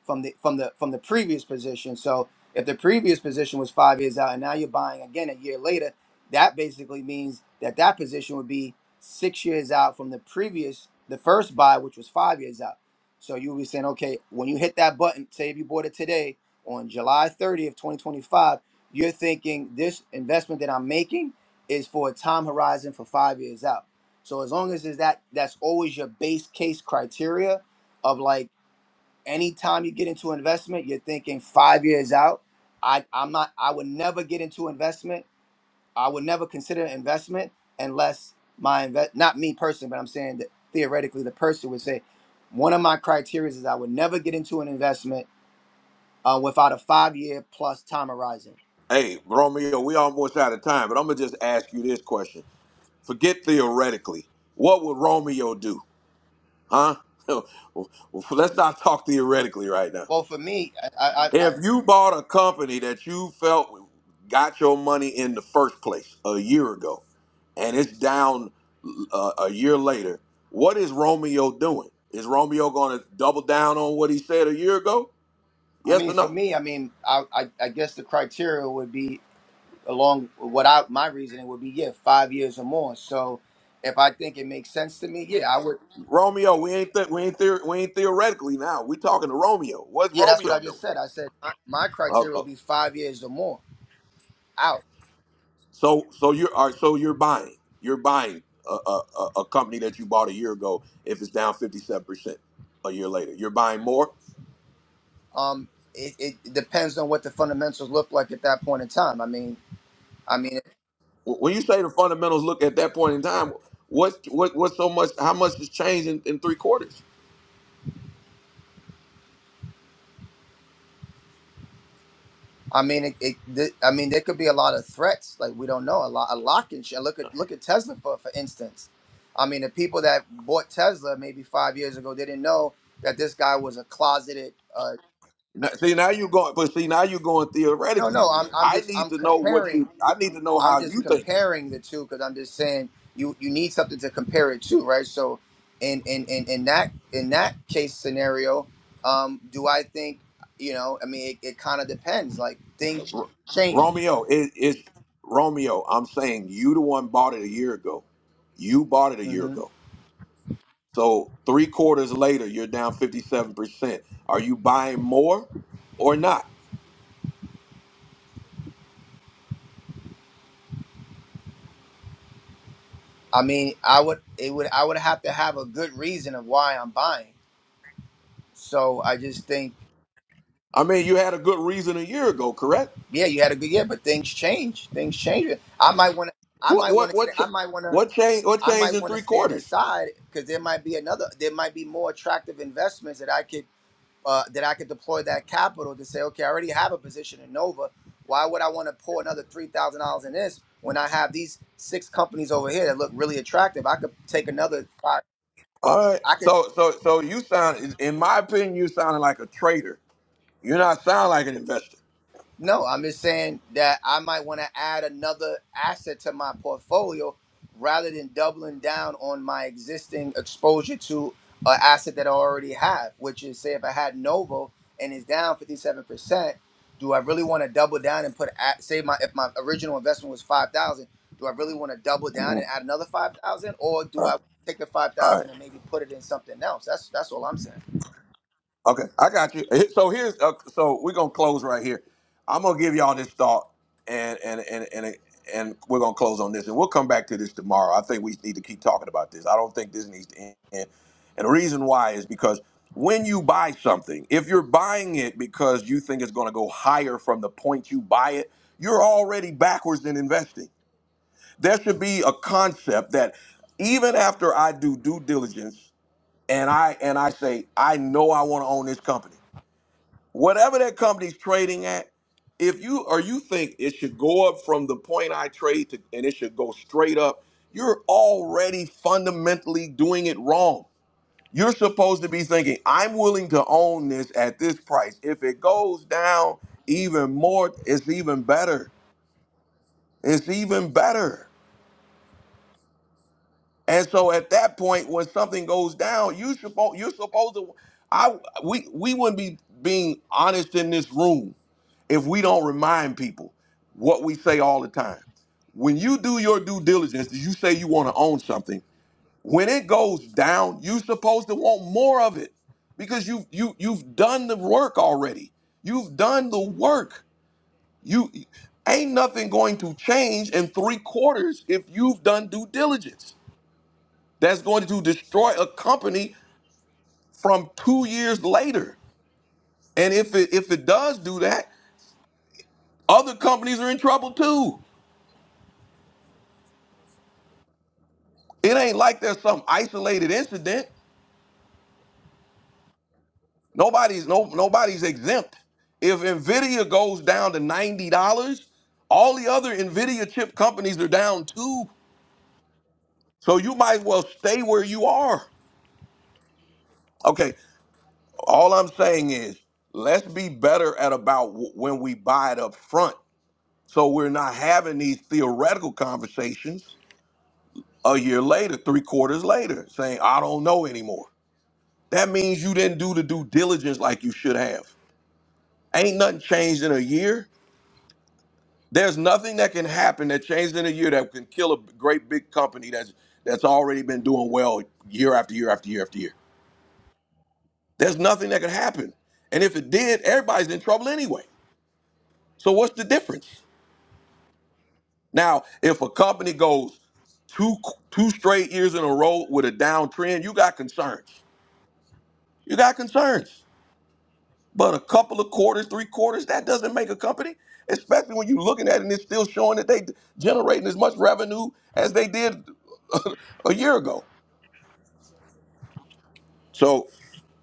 from the from the from the previous position. So if the previous position was five years out, and now you're buying again a year later, that basically means that that position would be six years out from the previous the first buy, which was five years out. So you would be saying, okay, when you hit that button, say if you bought it today on July 30th, 2025, you're thinking this investment that I'm making is for a time horizon for five years out. So as long as is that that's always your base case criteria of like anytime you get into investment, you're thinking five years out. I, I'm not, I would never get into investment. I would never consider investment unless my invest, not me personally, but I'm saying that theoretically the person would say, one of my criteria is I would never get into an investment uh, without a five year plus time horizon.
Hey, Romeo, we almost out of time, but I'm gonna just ask you this question. Forget theoretically. What would Romeo do? Huh? Well, Let's not talk theoretically right now.
Well, for me, I, I, I,
If you bought a company that you felt got your money in the first place a year ago, and it's down uh, a year later, what is Romeo doing? Is Romeo going to double down on what he said a year ago?
I
Yes
mean,
or
for
no?
me, I mean, I, I, I guess the criteria would be along what I, my reasoning would be, yeah, five years or more. So if I think it makes sense to me, yeah, I would.
Romeo, we ain't th- we ain't theor- we ain't theoretically now. we talking to Romeo. What's
Yeah, that's what I
Romeo doing?
just said. I said my, my
Uh,
criteria will
uh,
be five years or more out.
so so you're all right, so you're buying you're buying a, a, a a company that you bought a year ago if it's down fifty seven percent a year later. You're buying more.
Um, it, it depends on what the fundamentals look like at that point in time. I mean, I mean,
Wh- When you say the fundamentals look at that point in time, what what what's so much? How much has changed in, in three quarters?
I mean, it, it, th- I mean, there could be a lot of threats. Like we don't know a lot, a lock and shit. Look at look at Tesla for for instance. I mean, the people that bought Tesla maybe five years ago, they didn't know that this guy was a closeted. Uh,
Now- See now you're going, but see now you're going
no,
theoretically
no, I'm
again.
I'm
I
just
need
I'm
to know what
comparing.
you. I need to know
I'm
how
just
you thinking.
comparing the two because I'm just saying you you need something to compare it to, right? So, in in in, in that in that case scenario, um, do I think you know? I mean, it, it kind of depends. Like things
R-
change.
Romeo, it is Romeo. I'm saying you the one bought it a year ago. You bought it a year
hmm
ago. So three quarters later, you're down 57 percent. Are you buying more or not?
I mean, I would it would I would have to have a good reason of why I'm buying. So I just think,
I mean, you had a good reason a year ago, correct?
yeah, you had a good year, but things change. Things change. I might want to. I
What
might want
what
to. stay.
what
I
ch-
might want to.
what changed? What
I
changed
might
in
want to
three
stand
quarters?
aside because there might be another, there might be more attractive investments that I could uh, that I could deploy that capital to say, okay, I already have a position in Nova. Why would I want to pour another three thousand dollars in this when I have these six companies over here that look really attractive? I could take another five.
All right.
I could.
So so so you sound, in my opinion, you sounding like a trader. You're not sounding like an investor.
No, I'm just saying that I might want to add another asset to my portfolio rather than doubling down on my existing exposure to an asset that I already have, which is say if I had Novo and it's down 57%, do I really want to double down and put at say my if my original investment was 5,000, do I really want to double down and
Mhm.
add another 5,000 or do I
All
take the
right.
5,000 and maybe put it in something else? That's that's all I'm saying.
Okay, I got you. Eh, So here's uh, so we're gonna close right here. I'm gonna give y'all this thought, and and and and and we're gonna close on this, and we'll come back to this tomorrow. I think we need to keep talking about this. I don't think this needs to end. And the reason why is because when you buy something, if you're buying it because you think it's gonna go higher from the point you buy it, you're already backwards in investing. There should be a concept that even after I do due diligence and I and I say I know I want to own this company whatever that company's trading at, if you or you think it should go up from the point I trade to and it should go straight up, you're already fundamentally doing it wrong. You're supposed to be thinking, I'm willing to own this at this price. If it goes down even more, it's even better. It's even better. And so at that point, when something goes down, you supposed you're supposed to I we we wouldn't be being honest in this room if we don't remind people what we say all the time. When you do your due diligence, you say you want to own something. When it goes down, you're supposed to want more of it because you've you you've done the work already. You've done the work. You ain't nothing going to change in three quarters if you've done due diligence. That's going to destroy a company from two years later. And if it if it does do that, other companies are in trouble too It ain't like there's some isolated incident. Nobody's no nobody's exempt. If Nvidia goes down to ninety dollars, all the other Nvidia chip companies are down too. So you might as well stay where you are. Okay. All I'm saying is let's be better at about w- when we buy it up front, so we're not having these theoretical conversations a year later, three quarters later, saying I don't know anymore. That means you didn't do the due diligence like you should have. Ain't nothing changed in a year. There's nothing that can happen that changed in a year that can kill a great big company that's that's already been doing well year after year after year after year. There's nothing that could happen. And if it did, everybody's in trouble anyway. So what's the difference? Now, if a company goes two two straight years in a row with a downtrend, you got concerns. You got concerns. But a couple of quarters, three quarters, that doesn't make a company, especially when you're looking at it and it's still showing that they generating as much revenue as they did a year ago. So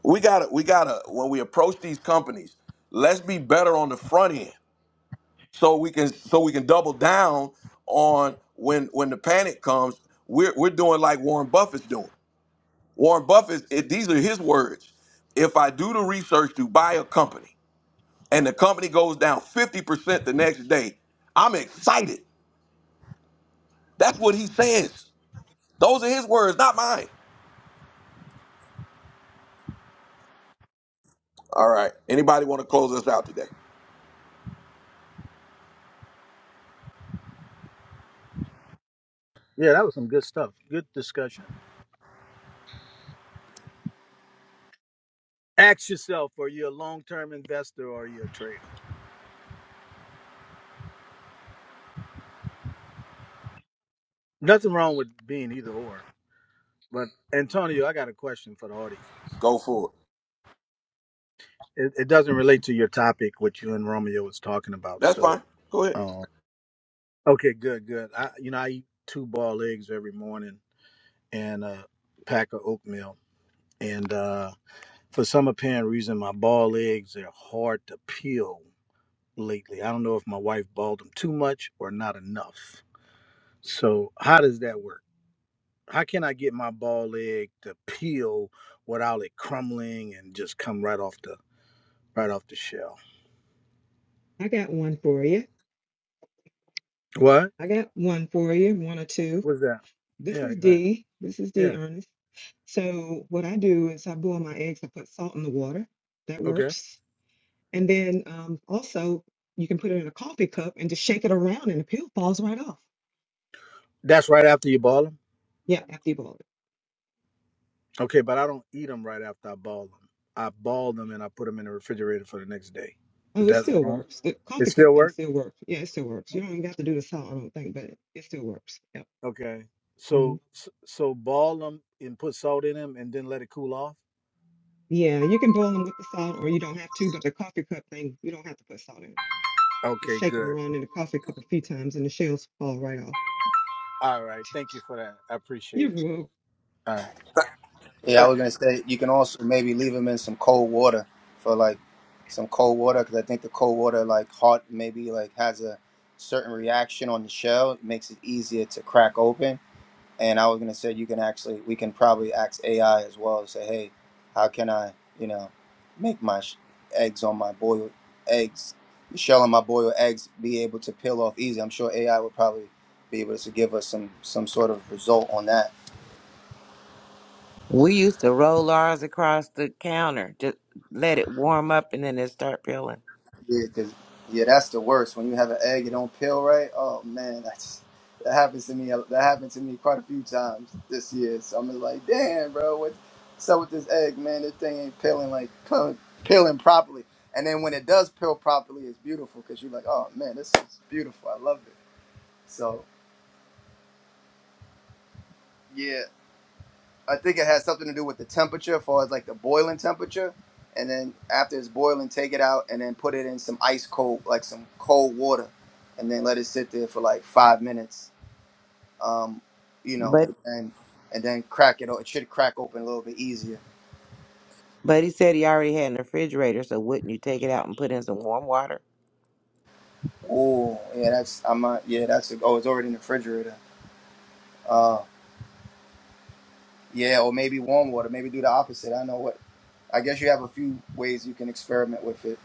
we gotta, we gotta, when we approach these companies, let's be better on the front end so we can so we can double down on when when the panic comes, we're we're doing like Warren Buffett's doing. Warren Buffett, it, these are his words. If I do the research to buy a company, and the company goes down 50% the next day. I'm excited. That's what he says. Those are his words, not mine. All right. Anybody want to close us out today?
Yeah, that was some good stuff. Good discussion. Ask yourself, are you a long term investor or are you a trader? Nothing wrong with being either or. But Antonio, I got a question for the audience.
Go for it.
It, it doesn't relate to your topic, which you and Romeo was talking about.
That's
So,
fine. Go ahead.
um, okay, good, good. I, you know, I eat two boiled eggs every morning and a pack of oatmeal. And uh, for some apparent reason, my boiled eggs are hard to peel lately. I don't know if my wife balled him too much or not enough. So how does that work? How can I get my ball egg to peel without it crumbling and just come right off the right off the shell?
I got one for you.
What?
I got one for you, one or two.
What's that?
This
Yeah,
is
go ahead.
D. This is D,
Yeah.
Ernest. So what I do is I boil my eggs. I put salt in the water. That
Okay.
works. And then um, also you can put it in a coffee cup and just shake it around, and the peel falls right off.
That's right after you ball them.
Yeah, after you boil it.
Okay, but I don't eat them right after I ball them. I ball them and I put them in the refrigerator for the next day.
Yeah.
Is
Oh, it
that
still
wrong?
works. The
It
coffee cup
still
thing
work?
still works. Yeah, it still works. You don't even have to do the salt, I don't think, but it, it still works. Yep.
Okay.
hmm
So s- so ball them and put salt in them and then let it cool off.
Yeah, you can boil them with the salt, or you don't have to. But the coffee cup thing, you don't have to put salt in. Just
Okay,
shake them
good.
around in the coffee cup a few times and the shells fall right off.
All right. Thank you for that. I appreciate
You're
it.
welcome.
All right.
Yeah, I was gonna say you can also maybe leave them in some cold water for like some cold water because I think the cold water like hot maybe like has a certain reaction on the shell it makes it easier to crack open. And I was gonna say you can actually we can probably ask AI as well say hey how can I you know make my sh- eggs on my boiled eggs the shell on my boiled eggs be able to peel off easy. I'm sure AI would probably be able to give us some some sort of result on that.
We used to roll ours across the counter, just let it warm up and then it start peeling.
Yeah, cause yeah, that's the worst. When you have an egg, it don't peel right. Oh man, that's that happens to me. That happened to me quite a few times this year. So I'm just like, damn, bro, what, what's up with this egg, man? This thing ain't peeling like peeling, peeling properly. And then when it does peel properly, it's beautiful because you're like, oh man, this is beautiful. I love it. So yeah, I think it has something to do with the temperature, as far as like the boiling temperature. And then after it's boiling, take it out and then put it in some ice cold, like some cold water, and then let it sit there for like five minutes. Um, you know,
But
and and and then crack it. o- It should crack open a little bit easier.
but he said he already had in the refrigerator, so wouldn't you take it out and put in some warm water?
Oh, yeah, that's I'm not. Yeah, that's oh, it's already in the refrigerator. Uh, yeah, or maybe warm water. Maybe do the opposite. I know what. I guess you have a few ways you can experiment with it.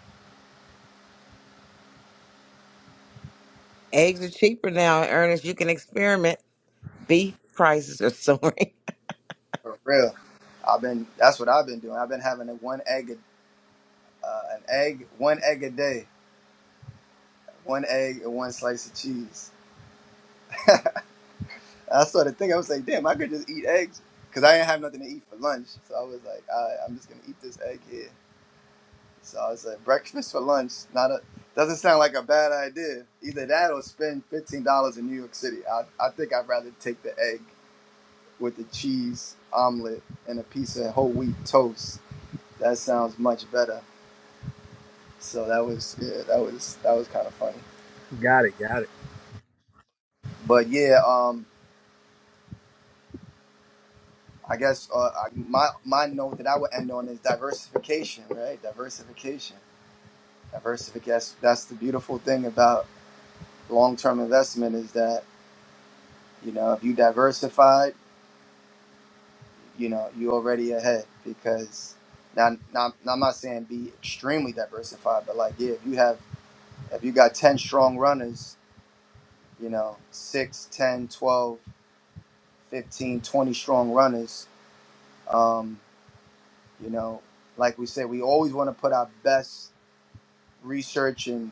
Eggs are cheaper now, Ernest. You can experiment. beef prices are soaring.
For real, I've been. That's what I've been doing. I've been having a one egg uh, an egg, one egg a day, one egg and one slice of cheese. I started thinking, I was like, damn, I could just eat eggs because I didn't have nothing to eat for lunch. So I was like, All right, I'm just gonna eat this egg here. So I was like, breakfast for lunch, not a doesn't sound like a bad idea. Either that or spend fifteen dollars in New York City. I, I think I'd rather take the egg with the cheese omelet and a piece of whole wheat toast. That sounds much better. So that was yeah, that was that was kind of funny.
Got it. Got it.
But yeah, um, I guess uh, I, my my note that I would end on is diversification, right? Diversification, diversification. That's, that's the beautiful thing about long term investment is that you know if you diversified, you know you already ahead because now, now, now I'm not saying be extremely diversified, but like yeah, if you have if you got ten strong runners, you know 6, 10, 12, 15, twenty strong runners, um, you know like we said, we always want to put our best research and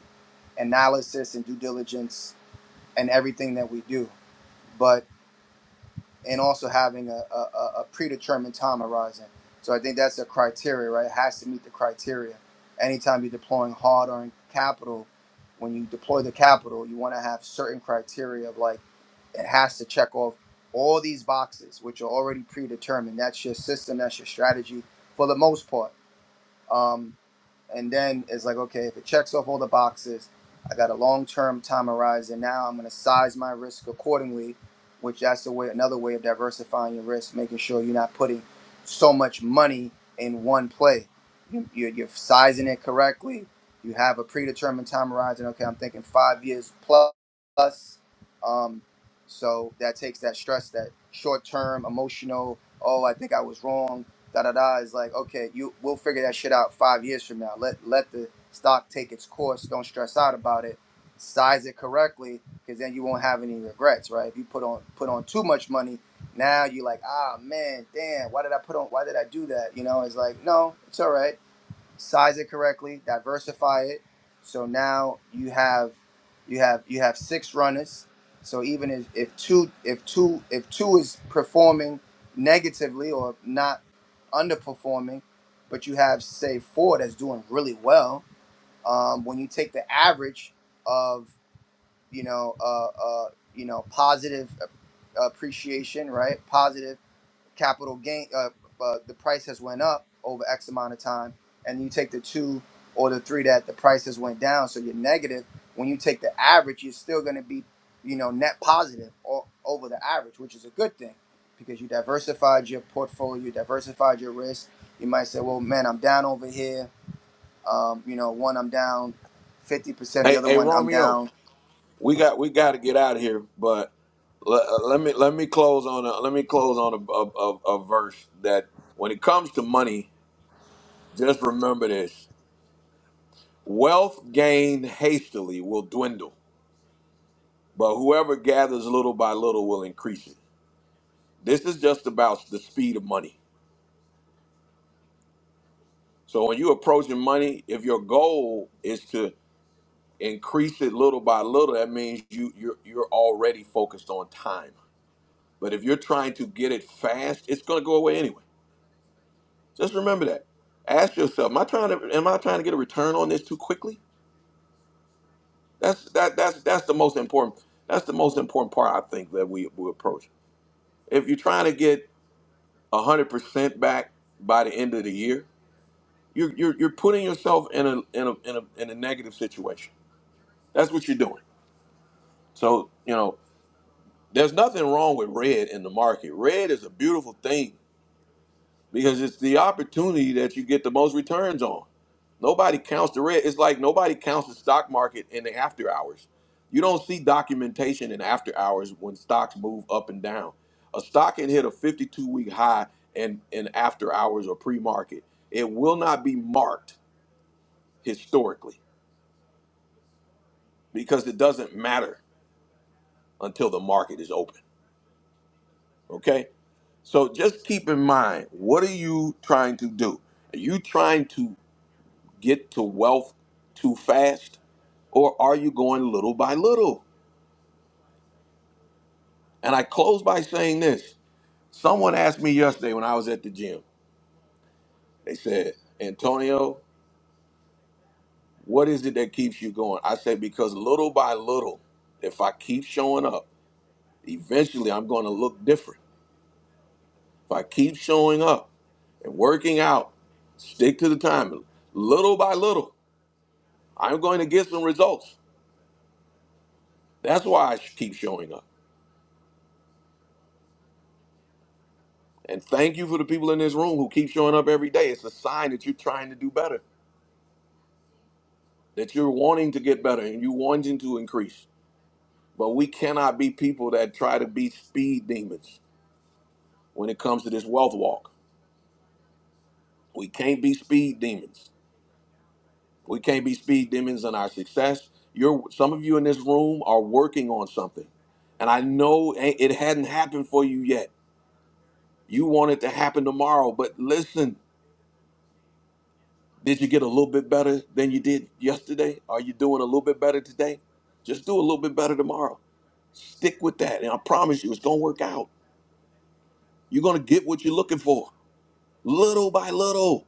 analysis and due diligence and everything that we do, but and also having a, a, a predetermined time horizon. So I think that's a criteria, right? It has to meet the criteria. Anytime you're deploying hard earned capital, when you deploy the capital, you want to have certain criteria of like it has to check off all these boxes, which are already predetermined. That's your system, that's your strategy for the most part. Um, and then it's like okay if it checks off all the boxes i got a long-term time horizon now i'm going to size my risk accordingly which that's a way another way of diversifying your risk making sure you're not putting so much money in one play you, you're, you're sizing it correctly you have a predetermined time horizon okay i'm thinking five years plus plus um, so that takes that stress that short-term emotional oh i think i was wrong da da da is like okay you we'll figure that shit out five years from now let let the stock take its course don't stress out about it size it correctly because then you won't have any regrets right if you put on put on too much money now you're like ah man damn why did i put on why did i do that you know it's like no it's all right size it correctly, diversify it. So now you have you have you have six runners. So even if, if two if two if two is performing negatively or not underperforming, but you have say four that's doing really well. Um, when you take the average of you know uh, uh, you know positive uh, appreciation, right? Positive capital gain uh, uh, the price has went up over x amount of time and you take the two or the three that the price has went down so you're negative when you take the average you're still going to be you know net positive or over the average which is a good thing because you diversified your portfolio you diversified your risk you might say well man i'm down over here um, you know one i'm down 50% the
Hey,
other
hey
one i'm
Romeo,
down
we got we got to get out of here, but let, let me let me close on a let me close on a, a, a, a verse that when it comes to money, just remember this: wealth gained hastily will dwindle, but whoever gathers little by little will increase it. This is just about the speed of money. So when you approaching money, if your goal is to increase it little by little, that means you you're you're already focused on time. But if you're trying to get it fast, it's going to go away anyway. Just remember that. Ask yourself, am I trying to am I trying to get a return on this too quickly? That's that that's that's the most important that's the most important part I think that we we approach. If you're trying to get 100% back by the end of the year, You're you're you're putting yourself in a in a in a in a negative situation. That's what you're doing. So you know, there's nothing wrong with red in the market. Red is a beautiful thing because it's the opportunity that you get the most returns on. Nobody counts the red. It's like nobody counts the stock market in the after hours. You don't see documentation in after hours when stocks move up and down. A stock can hit a 52 week high in, in after hours or pre market. It will not be marked historically. because it doesn't matter until the market is open. Okay? So just keep in mind what are you trying to do? Are you trying to get to wealth too fast or are you going little by little? And I close by saying this. Someone asked me yesterday when I was at the gym, they said, Antonio, what is it that keeps you going? I said, because little by little, if I keep showing up, eventually I'm going to look different If I keep showing up and working out, stick to the time, little by little, I'm going to get some results. That's why I sh- keep showing up. And thank you for the people in this room who keep showing up every day. It's a sign that you're trying to do better, that you're wanting to get better and you're wanting to increase. But we cannot be people that try to be speed demons when it comes to this wealth walk. We can't be speed demons. We can't be speed demons in our success. You're some of you in this room are working on something, and I know a- it hadn't happened for you yet. You want it to happen tomorrow, but listen, did you get a little bit better than you did yesterday? Are you doing a little bit better today? Just do a little bit better tomorrow. Stick with that, and I promise you, it's gonna work out. You're gonna get what you're looking for, little by little.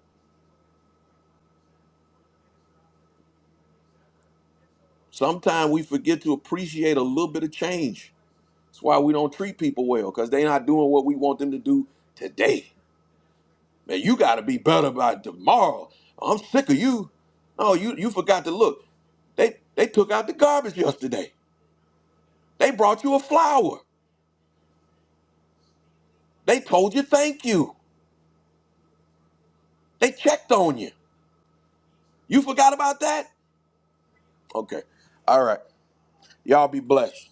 Sometimes we forget to appreciate a little bit of change That's why we don't treat people well, because they're not doing what we want them to do today. Man, you gotta be better by tomorrow. I'm sick of you. No, you you forgot to look. They they took out the garbage yesterday. They brought you a flower. They told you thank you. They checked on you. You forgot about that? Okay. All right. Y'all be blessed.